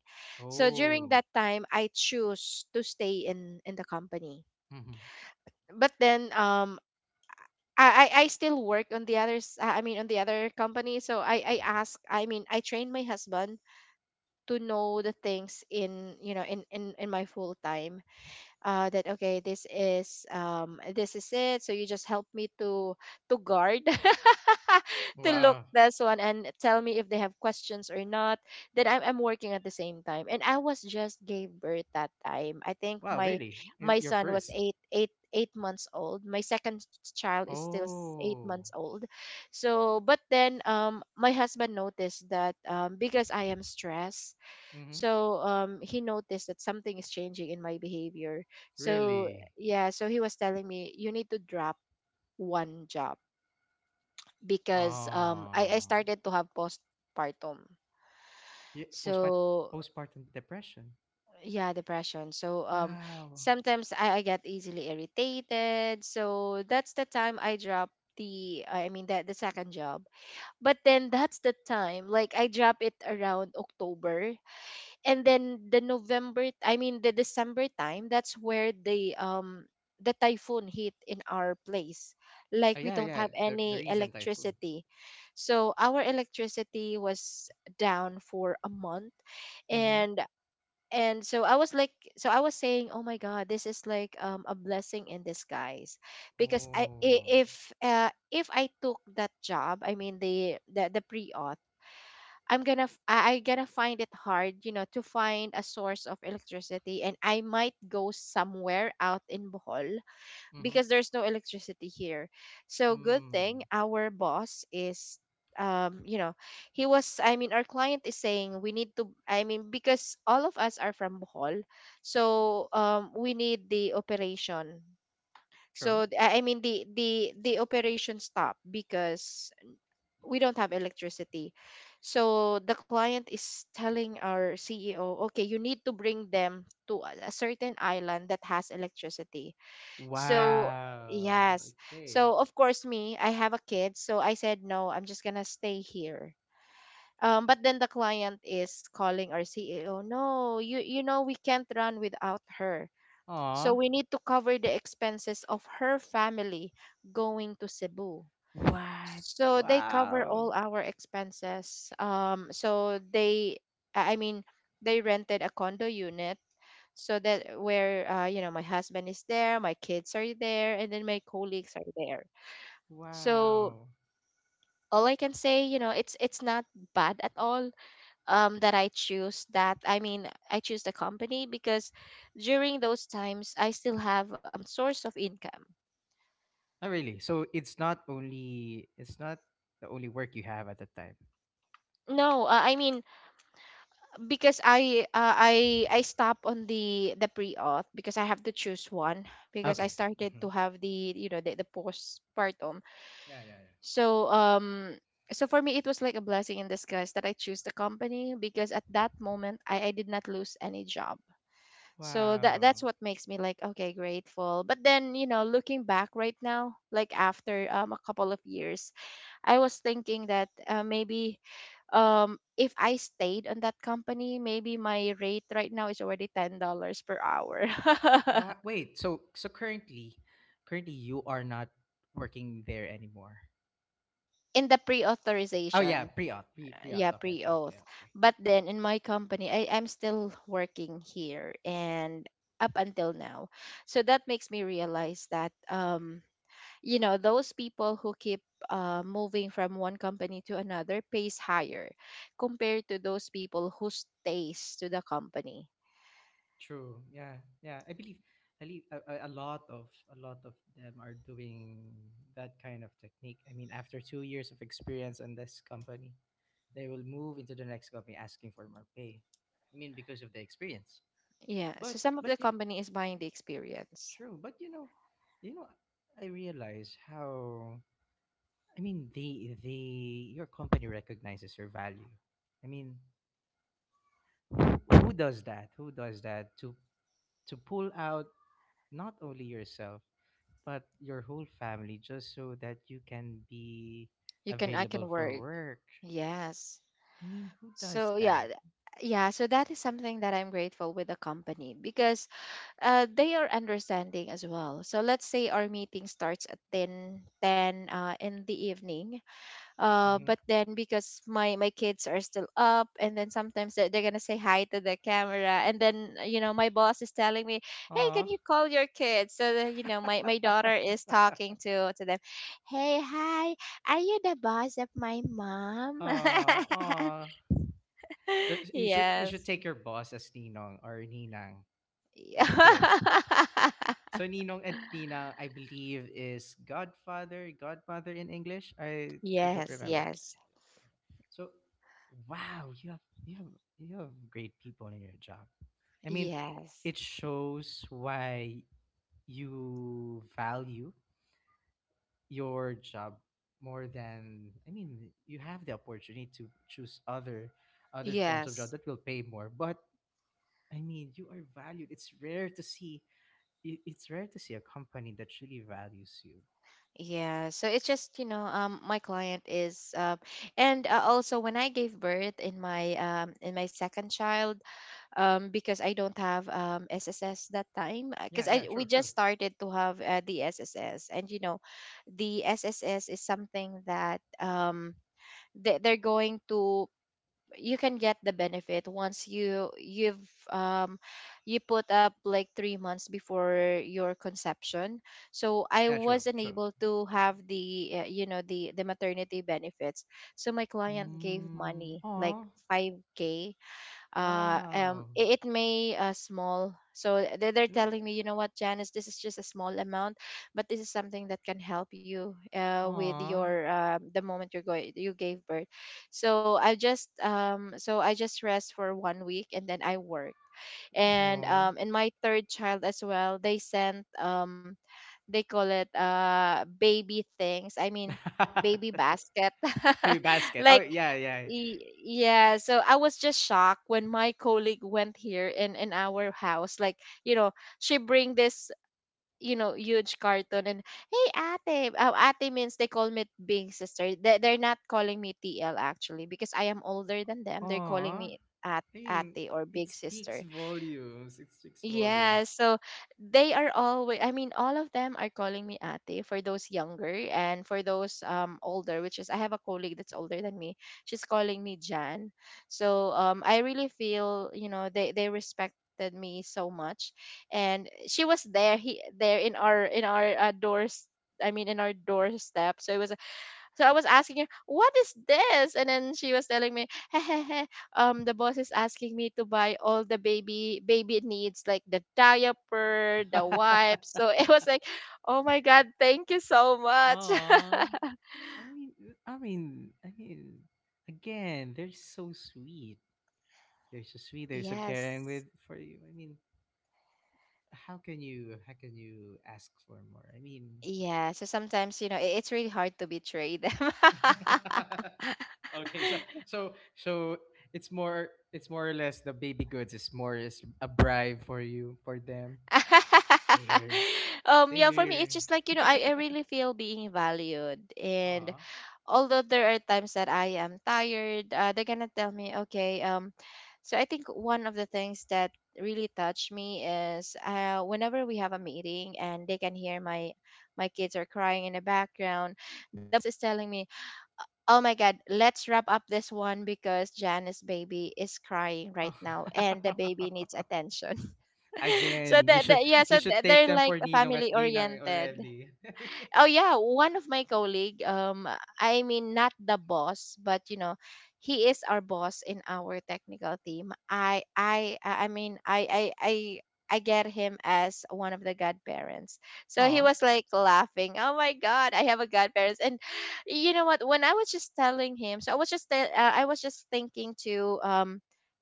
[SPEAKER 2] So during
[SPEAKER 1] Oh.
[SPEAKER 2] that time, I choose to stay in in the company.
[SPEAKER 1] Mhm.
[SPEAKER 2] But then, um, I I I still work on the others. I mean, on the other company. So I I ask. I mean, I train my husband to know the things in, you know, in in in my full time. Uh, that, okay, this is, um, this is it. So you just help me to to guard to look
[SPEAKER 1] Wow.
[SPEAKER 2] this one and tell me if they have questions or not. Then I'm, I'm working at the same time. And I was just gave birth that time. I think
[SPEAKER 1] Wow,
[SPEAKER 2] my
[SPEAKER 1] really? And
[SPEAKER 2] my
[SPEAKER 1] you're
[SPEAKER 2] son was
[SPEAKER 1] first.
[SPEAKER 2] eight eight eight months old. My second child is still s- eight
[SPEAKER 1] Oh.
[SPEAKER 2] months old. So but then, um my husband noticed that, um because I am stressed.
[SPEAKER 1] Mhm.
[SPEAKER 2] So um he noticed that something is changing in my behavior. So
[SPEAKER 1] Really?
[SPEAKER 2] yeah, so he was telling me you need to drop one job because, um i, I
[SPEAKER 1] Oh.
[SPEAKER 2] started to have postpartum.
[SPEAKER 1] Yeah, postpart
[SPEAKER 2] So
[SPEAKER 1] postpartum depression.
[SPEAKER 2] yeah, depression. So um
[SPEAKER 1] Wow.
[SPEAKER 2] sometimes I, I get easily irritated, so that's the time I drop the, I mean, the, the second job. But then, that's the time, like, I drop it around October. And then the November, I mean the December time, that's where the, um the typhoon hit in our place. Like,
[SPEAKER 1] Uh,
[SPEAKER 2] we
[SPEAKER 1] yeah,
[SPEAKER 2] don't
[SPEAKER 1] yeah,
[SPEAKER 2] have
[SPEAKER 1] the the
[SPEAKER 2] any
[SPEAKER 1] recent typhoon.
[SPEAKER 2] electricity. So our electricity was down for a month,
[SPEAKER 1] Mhm.
[SPEAKER 2] and and so I was like, so I was saying, "Oh my god, this is like, um a blessing in disguise." Because I i-
[SPEAKER 1] Oh.
[SPEAKER 2] if uh if I took that job, I mean the the, the pre-auth, I'm gonna f- I, I gonna find it hard, you know, to find a source of electricity, and I might go somewhere out in Bohol,
[SPEAKER 1] Mm-hmm.
[SPEAKER 2] because there's no electricity here. So good thing
[SPEAKER 1] Hmm.
[SPEAKER 2] our boss is, um, you know, he was. I mean, our client is saying we need to. I mean, because all of us are from Bohol, so, um, we need the operation.
[SPEAKER 1] True.
[SPEAKER 2] So, th- I I mean the the the operation stopped because we don't have electricity. So the client is telling our C E O, okay, you need to bring them to a a certain island that has electricity. So,
[SPEAKER 1] Wow.
[SPEAKER 2] yes.
[SPEAKER 1] Okay.
[SPEAKER 2] So of course me, I have a kid, so I said no, I'm just going to stay here. Um, but then the client is calling our C E O, no, you you know we can't run without her. So
[SPEAKER 1] Aw.
[SPEAKER 2] we need to cover the expenses of her family going to Cebu.
[SPEAKER 1] What?
[SPEAKER 2] So they cover
[SPEAKER 1] Wow.
[SPEAKER 2] all our expenses. Um, so they, I I mean, they rented a condo unit so that where, uh, you know, my husband is there, my kids are there, and then my colleagues are there. So
[SPEAKER 1] Wow.
[SPEAKER 2] all I can say, you know, it's it's not bad at all, um, that I choose that. I mean, I choose the company because during those times I still have a source of income.
[SPEAKER 1] Not really. So it's not only, it's not the only work you have at that time.
[SPEAKER 2] No, uh, I mean because I uh, I I stop on the the pre auth because I have to choose one because I
[SPEAKER 1] Okay.
[SPEAKER 2] started to
[SPEAKER 1] Mm-hmm.
[SPEAKER 2] have the, you know, the, the postpartum.
[SPEAKER 1] Yeah. Yeah. Yeah.
[SPEAKER 2] So, um so for me it was like a blessing in disguise that I choose the company because at that moment I, I did not lose any job. So that
[SPEAKER 1] Wow.
[SPEAKER 2] that's what makes me, like, okay, grateful. But then, you know, looking back right now, like after um a couple of years, I was thinking that, uh, maybe um if I stayed on that company, maybe my rate right now is already ten dollars per hour.
[SPEAKER 1] Wow. Wait. So so currently, currently you are not working there anymore.
[SPEAKER 2] In the
[SPEAKER 1] Oh yeah.
[SPEAKER 2] pre-authorization.
[SPEAKER 1] Pre-auth. Pre
[SPEAKER 2] Yeah,
[SPEAKER 1] pre-auth. Okay. Okay.
[SPEAKER 2] pre-auth.
[SPEAKER 1] Okay. Okay.
[SPEAKER 2] But then in my company, I am still working here and up until now. So that makes me realize that, um you know, those people who keep, uh, moving from one company to another pays higher compared to those people who stays to the company.
[SPEAKER 1] True. Yeah. Yeah. I believe, I believe a, a a lot of a lot of them are doing that kind of technique. I mean, after two years of experience on this company, they will move into the next company asking for more pay. I mean, because of the experience.
[SPEAKER 2] Yeah.
[SPEAKER 1] But
[SPEAKER 2] So some of
[SPEAKER 1] but
[SPEAKER 2] the
[SPEAKER 1] y-
[SPEAKER 2] company is buying the experience.
[SPEAKER 1] true. But you know, you know, I realize how. I mean, the the your company recognizes your value. I mean, who, who does that? Who does that to to pull out not only yourself but your whole family just so that you can be
[SPEAKER 2] You can, I
[SPEAKER 1] available
[SPEAKER 2] can
[SPEAKER 1] for
[SPEAKER 2] work.
[SPEAKER 1] work.
[SPEAKER 2] Yes.
[SPEAKER 1] I mean, who does
[SPEAKER 2] So yeah,
[SPEAKER 1] that?
[SPEAKER 2] th- yeah, so that is something that I'm grateful with the company because, uh, they are understanding as well. So let's say our meeting starts at ten, ten uh, in the evening, uh
[SPEAKER 1] Mm-hmm.
[SPEAKER 2] but then because my my kids are still up, and then sometimes they're, they're gonna say hi to the camera, and then you know my boss is telling me, "Hey, can
[SPEAKER 1] Aw,
[SPEAKER 2] you call your kids so that you know my my daughter is talking to to them?" "Hey, hi, are you the boss of my mom?"
[SPEAKER 1] aw, aw. That- You should you should
[SPEAKER 2] "Yes."
[SPEAKER 1] take your boss as Ninong or Ninang for the kids. So Ninong and Ninang, I believe, is godfather, godmother in English. I I don't
[SPEAKER 2] Yes.
[SPEAKER 1] remember.
[SPEAKER 2] yes
[SPEAKER 1] So, wow, you have, you have you have great people in your job. I mean,
[SPEAKER 2] yes
[SPEAKER 1] it shows why you value your job more than, I mean, you have the opportunity to choose other other forms of job
[SPEAKER 2] yes
[SPEAKER 1] that will pay more, but I mean, you are valued. It's rare to see, i- it's rare to see a company that really values you.
[SPEAKER 2] Yeah, so it's just, you know, um my client is um and uh, also when I gave birth in my um in my second child, um because I don't have um S S S that time because
[SPEAKER 1] Yeah, yeah,
[SPEAKER 2] I we
[SPEAKER 1] true,
[SPEAKER 2] just
[SPEAKER 1] true.
[SPEAKER 2] started to have, uh, the S S S, and you know the S S S is something that um they, they're going to, you can get the benefit once you you've, um you put up like three months before your conception. So I
[SPEAKER 1] Yeah, true,
[SPEAKER 2] wasn't
[SPEAKER 1] true.
[SPEAKER 2] able to have the, uh, you know, the the maternity benefits. So my client gave
[SPEAKER 1] Mm,
[SPEAKER 2] money like
[SPEAKER 1] oh,
[SPEAKER 2] five k. Uh um
[SPEAKER 1] wow.
[SPEAKER 2] i- it may uh, small, so they- they're
[SPEAKER 1] You know.
[SPEAKER 2] telling me, "You know what, Janice, this is just a small amount, but this is something that can help you, uh, with
[SPEAKER 1] Aw,
[SPEAKER 2] your, um, the moment you're going you gave birth." So I just um so I just rest for one week and then I work. And
[SPEAKER 1] aw.
[SPEAKER 2] um in my third child as well, they sent, um they call it uh baby things, I mean, baby basket.
[SPEAKER 1] Maybe basket. Oh
[SPEAKER 2] Like,
[SPEAKER 1] yeah, yeah.
[SPEAKER 2] Y- yeah, so I was just shocked when my colleague went here in in our house. Like, you know, she bring this, you know, huge carton, and, "Hey ate." Oh, ate means they call me big sister. They they're not calling me T L actually because I am older than them. They're calling
[SPEAKER 1] Aw. I
[SPEAKER 2] me at
[SPEAKER 1] mean,
[SPEAKER 2] ate or
[SPEAKER 1] it
[SPEAKER 2] big
[SPEAKER 1] speaks
[SPEAKER 2] sister.
[SPEAKER 1] volumes. It speaks
[SPEAKER 2] Yeah,
[SPEAKER 1] volumes.
[SPEAKER 2] so they are always, I mean, all of them are calling me ate for those younger, and for those um older, which is I have a colleague that's older than me. She's calling me Jan. So um I really feel, you know, they they respected me so much. And she was there, he there in our in our uh, doors, I mean in our doorstep. So it was, so I was asking her, "What is this?" And then she was telling me, "Hehehe, um, the boss is asking me to buy all the baby baby needs, like the diaper,
[SPEAKER 1] Aw.
[SPEAKER 2] the wipes." So it was like, "Oh my god, thank you so much."
[SPEAKER 1] I mean, I mean, I mean. Again, they're so sweet. They're so sweet. They're so caring with,
[SPEAKER 2] Yes.
[SPEAKER 1] for you. I mean, how can you? How can you ask for more? I mean,
[SPEAKER 2] Yeah, so sometimes, you know, i- it's really hard to betray them.
[SPEAKER 1] okay, so so so it's more, it's more or less the baby goods is more, is a bribe for you for them. Stay here,
[SPEAKER 2] Um
[SPEAKER 1] stay
[SPEAKER 2] yeah, for me
[SPEAKER 1] here.
[SPEAKER 2] it's just like, you know, I, I really feel being valued. And
[SPEAKER 1] Aw.
[SPEAKER 2] although there are times that I am tired, uh, they're gonna tell me, "Okay." Um so I think one of the things that really touched me is, uh, whenever we have a meeting and they can hear my my kids are crying in the background, the boss is telling me, "Oh my god, let's wrap up this one because Janice baby is crying right now and the baby needs attention." So
[SPEAKER 1] Again, you
[SPEAKER 2] that,
[SPEAKER 1] should,
[SPEAKER 2] that, yeah, so
[SPEAKER 1] you should
[SPEAKER 2] th-
[SPEAKER 1] take
[SPEAKER 2] they're
[SPEAKER 1] them
[SPEAKER 2] like
[SPEAKER 1] for Ninong at
[SPEAKER 2] family
[SPEAKER 1] Ninang
[SPEAKER 2] oriented.
[SPEAKER 1] already.
[SPEAKER 2] Oh yeah, one of my colleague, um I mean not the boss, but you know, he is our boss in our technical team. I I I I mean I I I I get him as one of the godparents. So he
[SPEAKER 1] Aw.
[SPEAKER 2] was like laughing, "Oh my god, I have a godparents." And you know what, when I was just telling him, so I was just tell- uh, I was just thinking to, um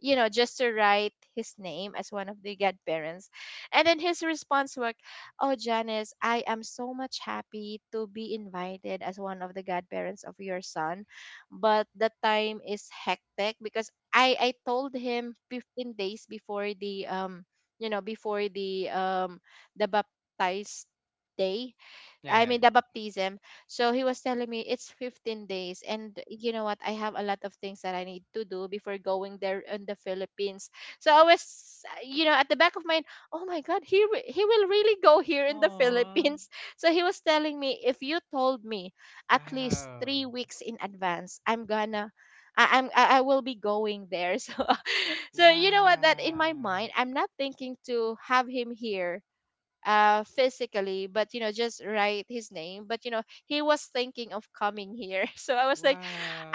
[SPEAKER 2] you know, just to write his name as one of the godparents. And then his response was, "Oh, Janice, I am so much happy to be invited as one of the godparents of your son. But the time is hectic because I, I told him fifteen days before the, um you know, before the, um the baptized day,
[SPEAKER 1] Yeah,
[SPEAKER 2] I
[SPEAKER 1] yeah,
[SPEAKER 2] mean the
[SPEAKER 1] yeah.
[SPEAKER 2] baptism." So he was telling me it's fifteen days, and you know what, I have a lot of things that I need to do before going there in the Philippines. So I was, uh, you know, at the back of my mind, "Oh my god, he re- he will really go here in the
[SPEAKER 1] Aw.
[SPEAKER 2] Philippines." So he was telling me, "If you told me at least three
[SPEAKER 1] Wow.
[SPEAKER 2] weeks in advance, I'm gonna, I, I'm I I will be going there." So, so you know what, that in my
[SPEAKER 1] Wow.
[SPEAKER 2] mind I'm not thinking to have him here uh physically, but you know just write his name. But you know he was thinking of coming here. So I was like,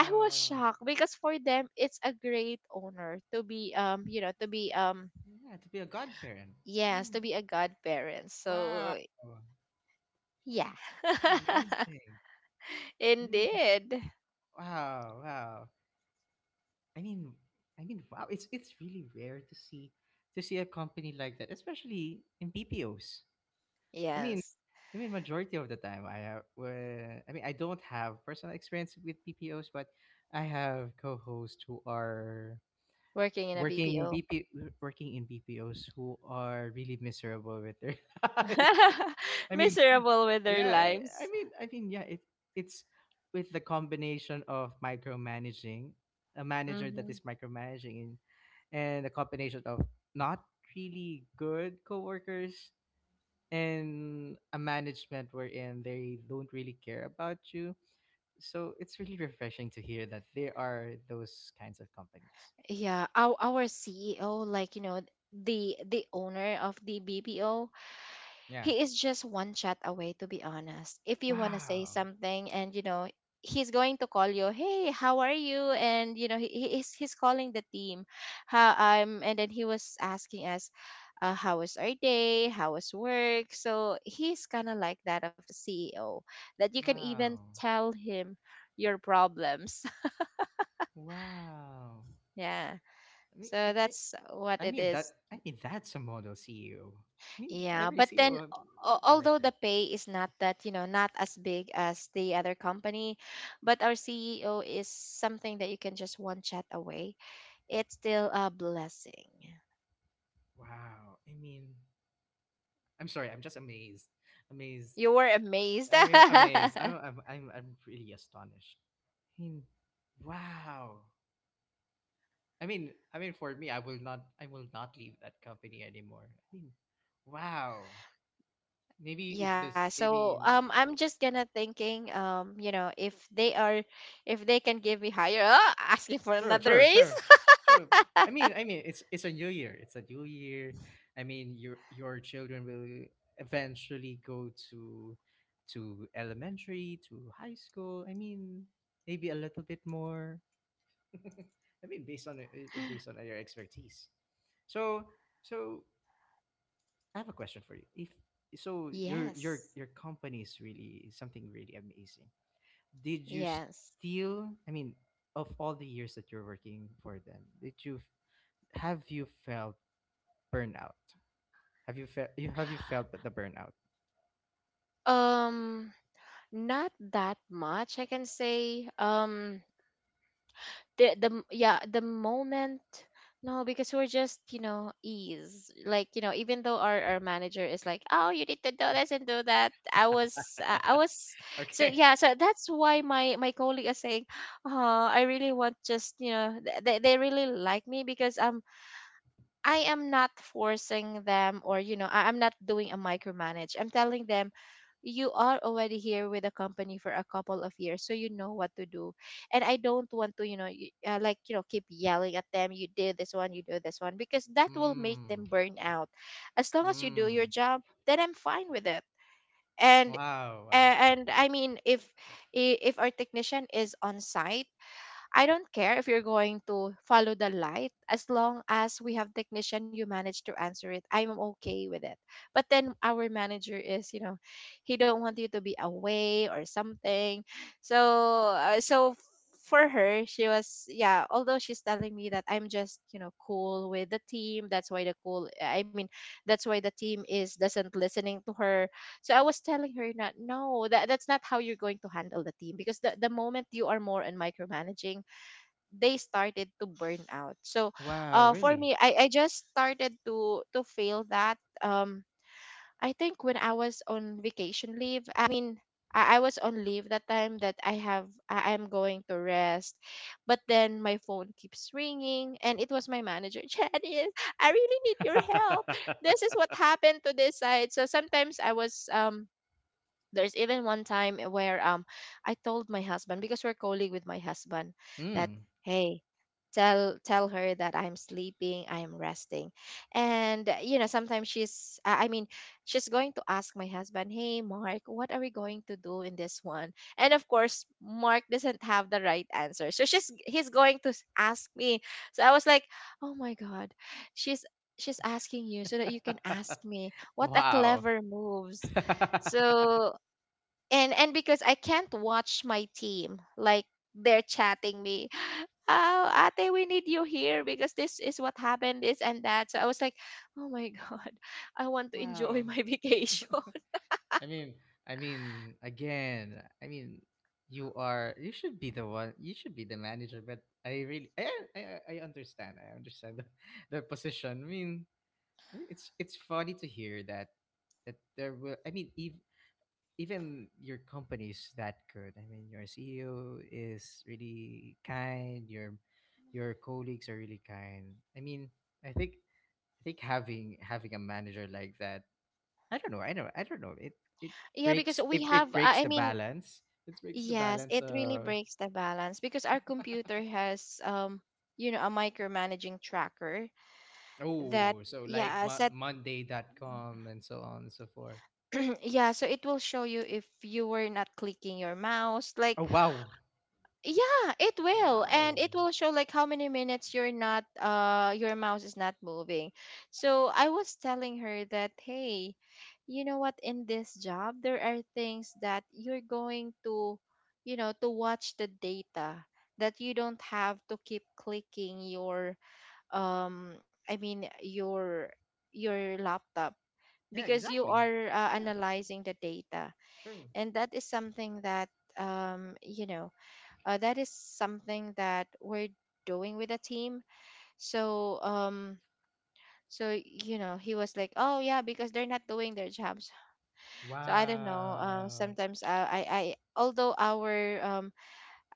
[SPEAKER 2] I was shocked because for them it's a great honor to be, um you know, to be um
[SPEAKER 1] Yeah, to be a godparent. I
[SPEAKER 2] yes, to
[SPEAKER 1] mean,
[SPEAKER 2] be a godparent.
[SPEAKER 1] wow.
[SPEAKER 2] So yeah.
[SPEAKER 1] It's amazing. I mean,
[SPEAKER 2] Indeed.
[SPEAKER 1] wow, wow. I mean, I mean, wow. It's it's really rare to see, to see a company like that, especially in B P Os. I mean,
[SPEAKER 2] Yes,
[SPEAKER 1] I mean, majority of the time, I have. Uh, I mean, I don't have personal experience with B P Os, but I have co-hosts who are
[SPEAKER 2] working in a
[SPEAKER 1] working
[SPEAKER 2] BPO.
[SPEAKER 1] B P working in B P Os who are really miserable with their lives. I mean,
[SPEAKER 2] Miserable with their
[SPEAKER 1] yeah, I I
[SPEAKER 2] lives.
[SPEAKER 1] mean, I mean, yeah, it it's with the combination of micromanaging, a manager that
[SPEAKER 2] Hmm.
[SPEAKER 1] is micromanaging, and, and a combination of not really good coworkers and a management wherein they don't really care about you. So it's really refreshing to hear that there are those kinds of companies.
[SPEAKER 2] Yeah, our, our CEO, like, you know, the the owner of the BPO,
[SPEAKER 1] Yeah.
[SPEAKER 2] he is just one chat away, to be honest. If you want to say
[SPEAKER 1] Wow.
[SPEAKER 2] something, and, you know, he's going to call you, "Hey, how are you?" And, you know, he, he- he's, he's calling the team. "How, um, and then he was asking us, uh, "How was our day? How was work?" So he's kind of like that of a C E O that you can even
[SPEAKER 1] Wow.
[SPEAKER 2] tell him your problems.
[SPEAKER 1] Wow.
[SPEAKER 2] Yeah.
[SPEAKER 1] I mean,
[SPEAKER 2] So
[SPEAKER 1] it, it,
[SPEAKER 2] that's what
[SPEAKER 1] I
[SPEAKER 2] it
[SPEAKER 1] mean
[SPEAKER 2] is.
[SPEAKER 1] that I mean that's a model C E O. I mean
[SPEAKER 2] Yeah,
[SPEAKER 1] every
[SPEAKER 2] but
[SPEAKER 1] CEO
[SPEAKER 2] then
[SPEAKER 1] of-
[SPEAKER 2] al-
[SPEAKER 1] should be like
[SPEAKER 2] although
[SPEAKER 1] that.
[SPEAKER 2] the pay is not that, you know, not as big as the other company, but our C E O is something that you can just one chat away. It's still a blessing.
[SPEAKER 1] Wow. I mean, I'm sorry. I'm just amazed. Amazed.
[SPEAKER 2] You were amazed.
[SPEAKER 1] I mean, amazed. I'm I'm I'm, I'm really astonished. I mean, wow. I mean, I mean for me, I will not, I will not leave that company anymore. I mean, wow. Maybe if this
[SPEAKER 2] Yeah,
[SPEAKER 1] I
[SPEAKER 2] so
[SPEAKER 1] mean.
[SPEAKER 2] um I'm just gonna thinking, um you know, if they are, if they can give me higher, oh, asking for
[SPEAKER 1] True,
[SPEAKER 2] another
[SPEAKER 1] true,
[SPEAKER 2] raise.
[SPEAKER 1] true, true. I mean, I mean, it's it's a new year. It's a new year. I mean, your your children will eventually go to to elementary, to high school. I mean, maybe a little bit more. I mean, based on uh, uh, based on your expertise. So, so I have a question for you. If, so, your your
[SPEAKER 2] Yes.
[SPEAKER 1] your company is really something really amazing. Did you
[SPEAKER 2] Yes.
[SPEAKER 1] still, I mean, of all the years that you're working for them, did you f- have you felt burnout? Have you felt, you, have you felt the burnout?
[SPEAKER 2] Um Not that much, I can say. Um the the m- yeah, the moment, no, because we're just, you know, ease, like, you know, even though our, our manager is like, "Oh, you need to do this and do that." i was uh, I was, so
[SPEAKER 1] Okay.
[SPEAKER 2] yeah, so that's why my my colleague is saying, "Oh, I really want, just, you know, th- they, they really like me because I'm, I am not forcing them," or, you know, I, I'm not doing a micromanage. I'm telling them, "You are already here with the company for a couple of years, so you know what to do." And I don't want to, you know, y- uh, like, you know, keep yelling at them, "You do this one, you do this one," because that will make
[SPEAKER 1] Mm.
[SPEAKER 2] them burn out. As long as you do your
[SPEAKER 1] Mm.
[SPEAKER 2] job, then I'm fine with it. And
[SPEAKER 1] Wow. Wow.
[SPEAKER 2] a- and I mean, if i- if our technician is on site, I don't care if you're going to follow the light, as long as we have technician you manage to answer it. I'm okay with it. But then our manager is, you know, he don't want you to be away or something. So, uh, so for her, she was, yeah, although she's telling me that I'm just, you know, cool with the team. That's why the cool, I mean, that's why the team is doesn't listening to her. So I was telling her that no, that, that's not how you're going to handle the team, because the, the moment you are more on micromanaging, they started to burn out. So,
[SPEAKER 1] Wow,
[SPEAKER 2] uh, for me,
[SPEAKER 1] really?
[SPEAKER 2] I, I just started to to feel that. Um, I think when I was on vacation leave, I mean, I, I was on leave that time that I have, I, I'm going to rest, but then my phone keeps ringing, and it was my manager, "Janice, I really need your help. This is what happened to this side." So sometimes I was um. There's even one time where um I told my husband, because we're colleague with my husband, that,
[SPEAKER 1] Mm.
[SPEAKER 2] "Hey, tell tell her that I'm sleeping, I'm resting." And, uh, you know, sometimes she's I I mean, she's going to ask my husband, "Hey Mark, what are we going to do in this one?" And of course Mark doesn't have the right answer, so she's he's going to s- ask me. So I was like, "Oh my god, she's she's asking you so that you can ask me. What a
[SPEAKER 1] Wow.
[SPEAKER 2] clever moves." So, and and because I can't watch my team, like, they're chatting me, "Oh ate, we need you here because this is what happened, this and that." So I was like, "Oh my god, I want to enjoy
[SPEAKER 1] Wow.
[SPEAKER 2] my vacation."
[SPEAKER 1] I mean, I mean, again, I mean, you are, you should be the one. You should be the manager. But I really, I, I, I I understand. I understand the, the position. I mean, it's it's funny to hear that, that there will. I mean, ev- even your company is that good. I mean, your C E O is really kind. Your your colleagues are really kind. I mean, I think, I think having, having a manager like that, I don't know. I don't. I don't know. It it
[SPEAKER 2] Yeah, because
[SPEAKER 1] breaks
[SPEAKER 2] we
[SPEAKER 1] it, it
[SPEAKER 2] have,
[SPEAKER 1] breaks
[SPEAKER 2] I I
[SPEAKER 1] the
[SPEAKER 2] mean,
[SPEAKER 1] balance. It breaks the
[SPEAKER 2] yes,
[SPEAKER 1] balance.
[SPEAKER 2] it really
[SPEAKER 1] Uh,
[SPEAKER 2] breaks the balance, because our computer has, um you know, a micromanaging tracker that
[SPEAKER 1] oh, so like
[SPEAKER 2] yeah
[SPEAKER 1] mo-
[SPEAKER 2] set.
[SPEAKER 1] Monday dot com and so on and so forth.
[SPEAKER 2] Yeah, so it will show you if you were not clicking your mouse, like,
[SPEAKER 1] Oh wow,
[SPEAKER 2] yeah, it will. And
[SPEAKER 1] wow.
[SPEAKER 2] it will show like how many minutes you're not, uh your mouse is not moving. So I was telling her that, hey, you know what, in this job there are things that you're going to, you know to watch the data, that you don't have to keep clicking your um I mean your your laptop
[SPEAKER 1] Yeah,
[SPEAKER 2] because you
[SPEAKER 1] exactly.
[SPEAKER 2] are uh,
[SPEAKER 1] Yeah,
[SPEAKER 2] analyzing the data.
[SPEAKER 1] true.
[SPEAKER 2] And that is something that um you know uh, that is something that we're doing with a team. So um so you know he was like, oh yeah, because they're not doing their jobs. So I don't know, uh,
[SPEAKER 1] Wow.
[SPEAKER 2] sometimes, uh, I I although our um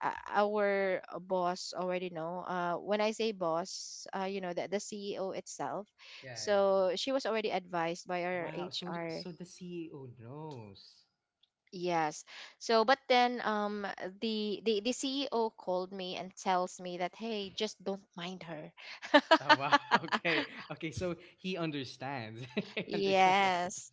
[SPEAKER 2] uh, our boss already know. Uh when I say boss, uh you know the the CEO itself.
[SPEAKER 1] Yeah, yeah, yeah.
[SPEAKER 2] So she was already advised by our
[SPEAKER 1] Wow. So
[SPEAKER 2] HR.
[SPEAKER 1] so the C E O knows.
[SPEAKER 2] Yes. So, but then, um, the, the the C E O called me and tells me that, hey, just don't mind her.
[SPEAKER 1] Oh wow. Okay. Okay. So he understands. He understands that.
[SPEAKER 2] Yes,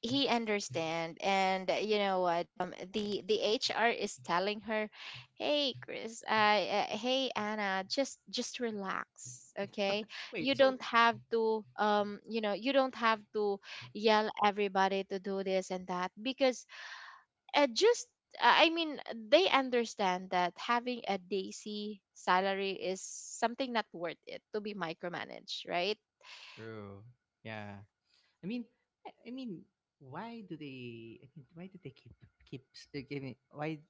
[SPEAKER 2] he understand. And, uh, you know what? Um, the the H R is telling her, "Hey, Chris. Uh, uh, hey, Anna. Just just relax, okay? You
[SPEAKER 1] Wait. So
[SPEAKER 2] don't have to, um, you know, you don't have to yell everybody to do this and that because uh, just uh, I mean they understand that having a daisy salary is something not worth it to be micromanaged, right?
[SPEAKER 1] true. Yeah. I mean, I, I mean, why do they? I mean, why do they keep, keep s- uh, giving? Why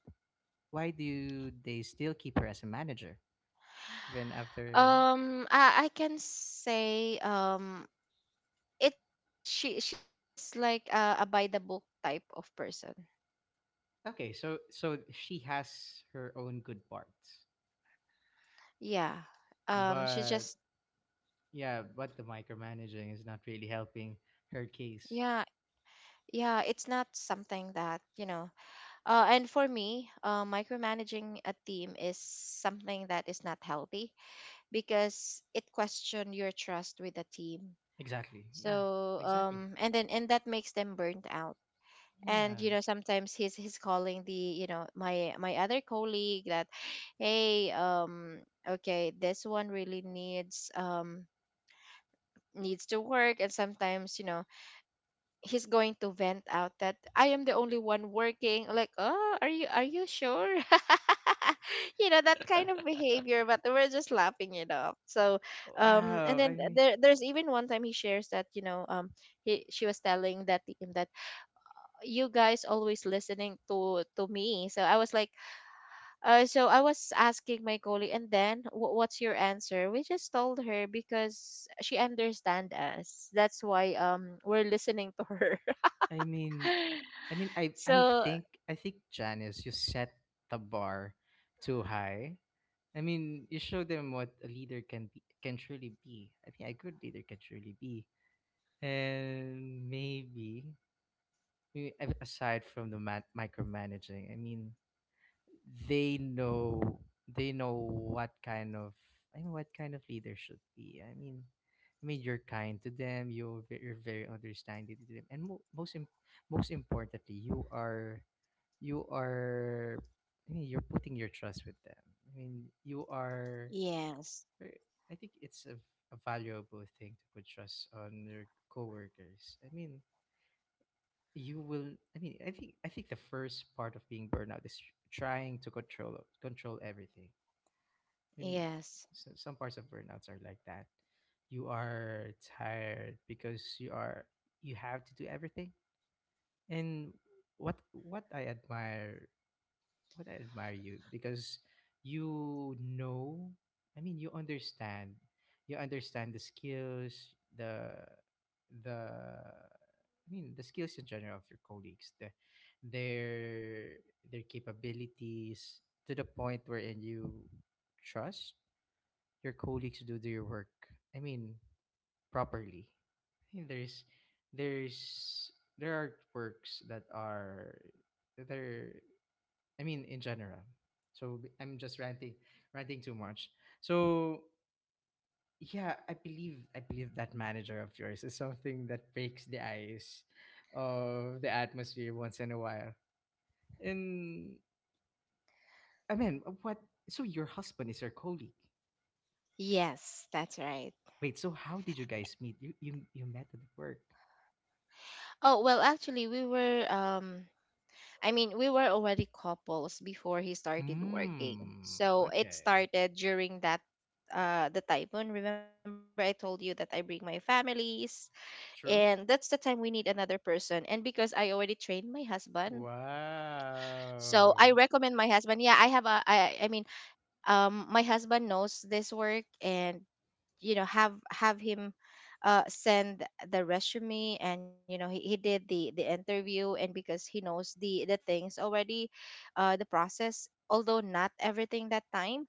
[SPEAKER 1] why do they still keep her as a manager even after?
[SPEAKER 2] Um, I, I can say, um, it's just she she's like a, a by the book type of person.
[SPEAKER 1] Okay, so so she has her own good parts,
[SPEAKER 2] Yeah. Um, she just…
[SPEAKER 1] but yeah, but the micromanaging is not really helping her case.
[SPEAKER 2] Yeah, yeah it's not something that, you know uh, and for me, uh, micromanaging a team is something that is not healthy because it question your trust with the team.
[SPEAKER 1] Exactly. Yeah.
[SPEAKER 2] So
[SPEAKER 1] Exactly.
[SPEAKER 2] um and then, and that makes them burnt out. And you
[SPEAKER 1] Yeah.
[SPEAKER 2] know, sometimes he's he's calling the, you know my my other colleague that, hey, um okay, this one really needs, um needs to work. And sometimes, you know, he's going to vent out that I am the only one working. Like, oh, are you, are you sure? You know, that kind of behavior, but we're just laughing it off. So, um, and
[SPEAKER 1] Wow. I
[SPEAKER 2] then
[SPEAKER 1] mean,
[SPEAKER 2] there there's even one time he shares that, you know, um he she was telling that team that, you guys always listening to to me. So I was like, uh, so I was asking my colleague, and then wh- what's your answer? We just told her, because she understand us. That's why, um we're listening to her.
[SPEAKER 1] I mean, I mean, I
[SPEAKER 2] So,
[SPEAKER 1] I think I think Janice, you set the bar too high. I mean, you show them what a leader can be, can truly be. I mean, a good leader can truly be, and maybe, maybe a- aside from the man- micromanaging, I mean, they know they know what kind of I mean what kind of leader should be. I mean, I mean you're kind to them. You're ve- you're very understanding to them, and mo- most im- most importantly, you are you are I mean you're putting your trust with them. I mean you are.
[SPEAKER 2] yes,
[SPEAKER 1] eh, I think it's a, a valuable thing to put trust on your coworkers. I mean, you will i mean i think i think the first part of being burnout is tr- trying to control control everything and
[SPEAKER 2] yes,
[SPEAKER 1] so, some parts of burnouts are like that you are tired because you are you have to do everything and what what i admire what I admire you because you know, I mean, you understand, you understand the skills, the the I mean, the skills in general of your colleagues, the, their their capabilities to the point wherein you trust your colleagues to do their work. I mean, properly. I think there's there's there are works that are that are I mean, in general. So i I'm just ranting, ranting too much. So yeah, I believe I believe that manager of yours is something that breaks the ice of the atmosphere once in a while. And I mean, what? So your husband is your colleague.
[SPEAKER 2] yes, that's right.
[SPEAKER 1] Wait, so how did you guys meet? You you, you met at work.
[SPEAKER 2] Oh, well, actually, we were, um, I mean, we were already couples before he started working.
[SPEAKER 1] Hmm.
[SPEAKER 2] So it
[SPEAKER 1] Okay.
[SPEAKER 2] started during that, uh, the typhoon. Remember, I told you that I bring my families, and
[SPEAKER 1] True.
[SPEAKER 2] that's the time we need another person. And because I already trained my husband, so I
[SPEAKER 1] Wow.
[SPEAKER 2] recommend my husband. Yeah, I have a, I, I mean, um, my husband knows this work. And you know, have have him uh, send the resume. And you know, he, he did the the interview. And because he knows the the things already, uh, the process, although not everything that time.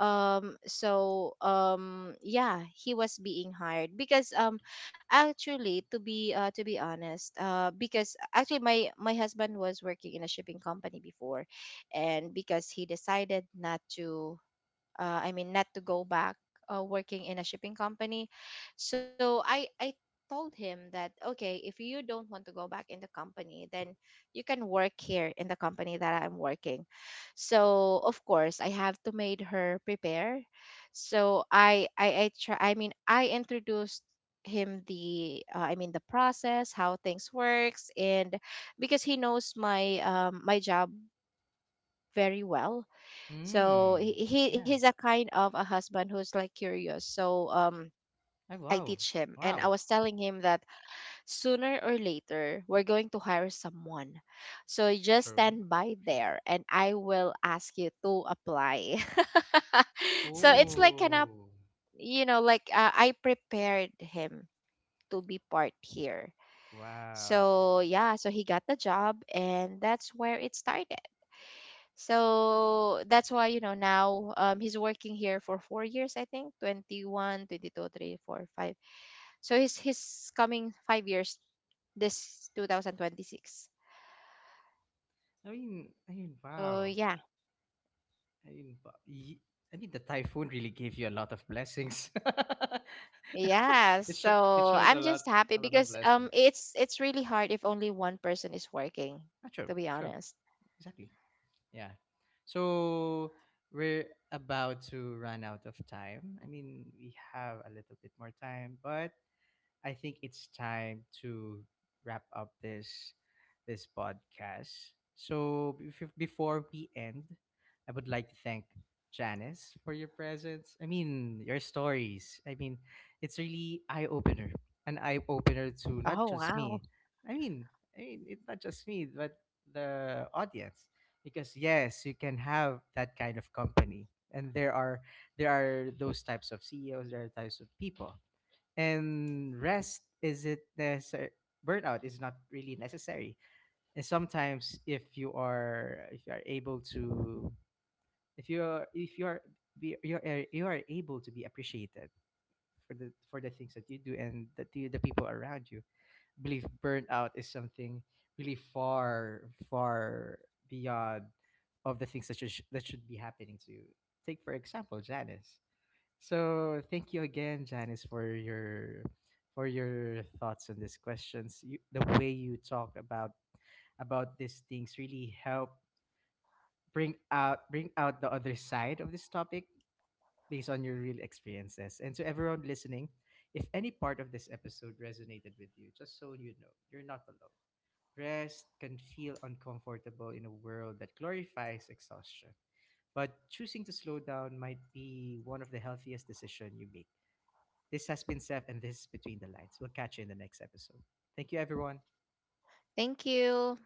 [SPEAKER 2] um so um Yeah, he was being hired because, um actually, to be uh to be honest, uh because actually my my husband was working in a shipping company before. And because he decided not to, uh, I mean, not to go back uh, working in a shipping company. So I, I told him that, okay, if you don't want to go back in the company, then you can work here in the company that I'm working. So, of course, I have to made her prepare. So I, I, I try, I mean, I introduced him the, uh, i mean the process, how things works. And because he knows my, um my job very well. So
[SPEAKER 1] Hmm.
[SPEAKER 2] he he-
[SPEAKER 1] Yeah.
[SPEAKER 2] he's a kind of a husband who's like curious. So um
[SPEAKER 1] I
[SPEAKER 2] I
[SPEAKER 1] wow.
[SPEAKER 2] teach him, and I
[SPEAKER 1] Wow.
[SPEAKER 2] was telling him that, sooner or later we're going to hire someone. So you just
[SPEAKER 1] True.
[SPEAKER 2] stand by
[SPEAKER 1] True.
[SPEAKER 2] there and I will ask you to apply. So it's like kind of,
[SPEAKER 1] Oh,
[SPEAKER 2] you know, like, uh, I prepared him to be part here.
[SPEAKER 1] wow.
[SPEAKER 2] So yeah, so he got the job, and that's where it started. So that's why, you know, now, um, he's working here for four years, I think twenty one twenty two three four five. So he's, he's coming five years this two thousand twenty-six.
[SPEAKER 1] I mean, I mean,
[SPEAKER 2] So
[SPEAKER 1] wow.
[SPEAKER 2] yeah,
[SPEAKER 1] I mean, bu- y- I mean, the typhoon really gave you a lot of blessings.
[SPEAKER 2] yeah.
[SPEAKER 1] it sho- it
[SPEAKER 2] So
[SPEAKER 1] showed a
[SPEAKER 2] I'm
[SPEAKER 1] lot,
[SPEAKER 2] just happy,
[SPEAKER 1] a lot of
[SPEAKER 2] because, um,
[SPEAKER 1] blessings.
[SPEAKER 2] it's it's really hard if only one person is working,
[SPEAKER 1] Ah, true,
[SPEAKER 2] to be
[SPEAKER 1] true,
[SPEAKER 2] honest.
[SPEAKER 1] exactly. Yeah. So we're about to run out of time. I mean, we have a little bit more time, but I think it's time to wrap up this this podcast. So bef- before we end, I would like to thank Janice for your presence. I mean, your stories. I mean, it's really eye opener, an eye opener to
[SPEAKER 2] Oh,
[SPEAKER 1] not just
[SPEAKER 2] wow!
[SPEAKER 1] me. I mean, I mean, it's not just me, but the audience. Because yes, you can have that kind of company, and there are there are those types of C E Os, there are types of people and rest isn't necessary burnout is not really necessary and sometimes if you are if you are able to if you are if you are be- you are, you are able to be appreciated for the for the things that you do and that the, the people around you I believe burnout is something really far far beyond of the things that should that should be happening to you take for example Janice, so thank you again, Janice, for your for your thoughts on these questions. You, the way you talk about about these things really help bring out bring out the other side of this topic based on your real experiences. And to everyone listening, if any part of this episode resonated with you, just so you know, you're not alone. Rest can feel uncomfortable in a world that glorifies exhaustion, but choosing to slow down might be one of the healthiest decisions you make. This has been Seth, and this is Between the Lines. We'll catch you in the next episode. Thank you, everyone.
[SPEAKER 2] Thank you.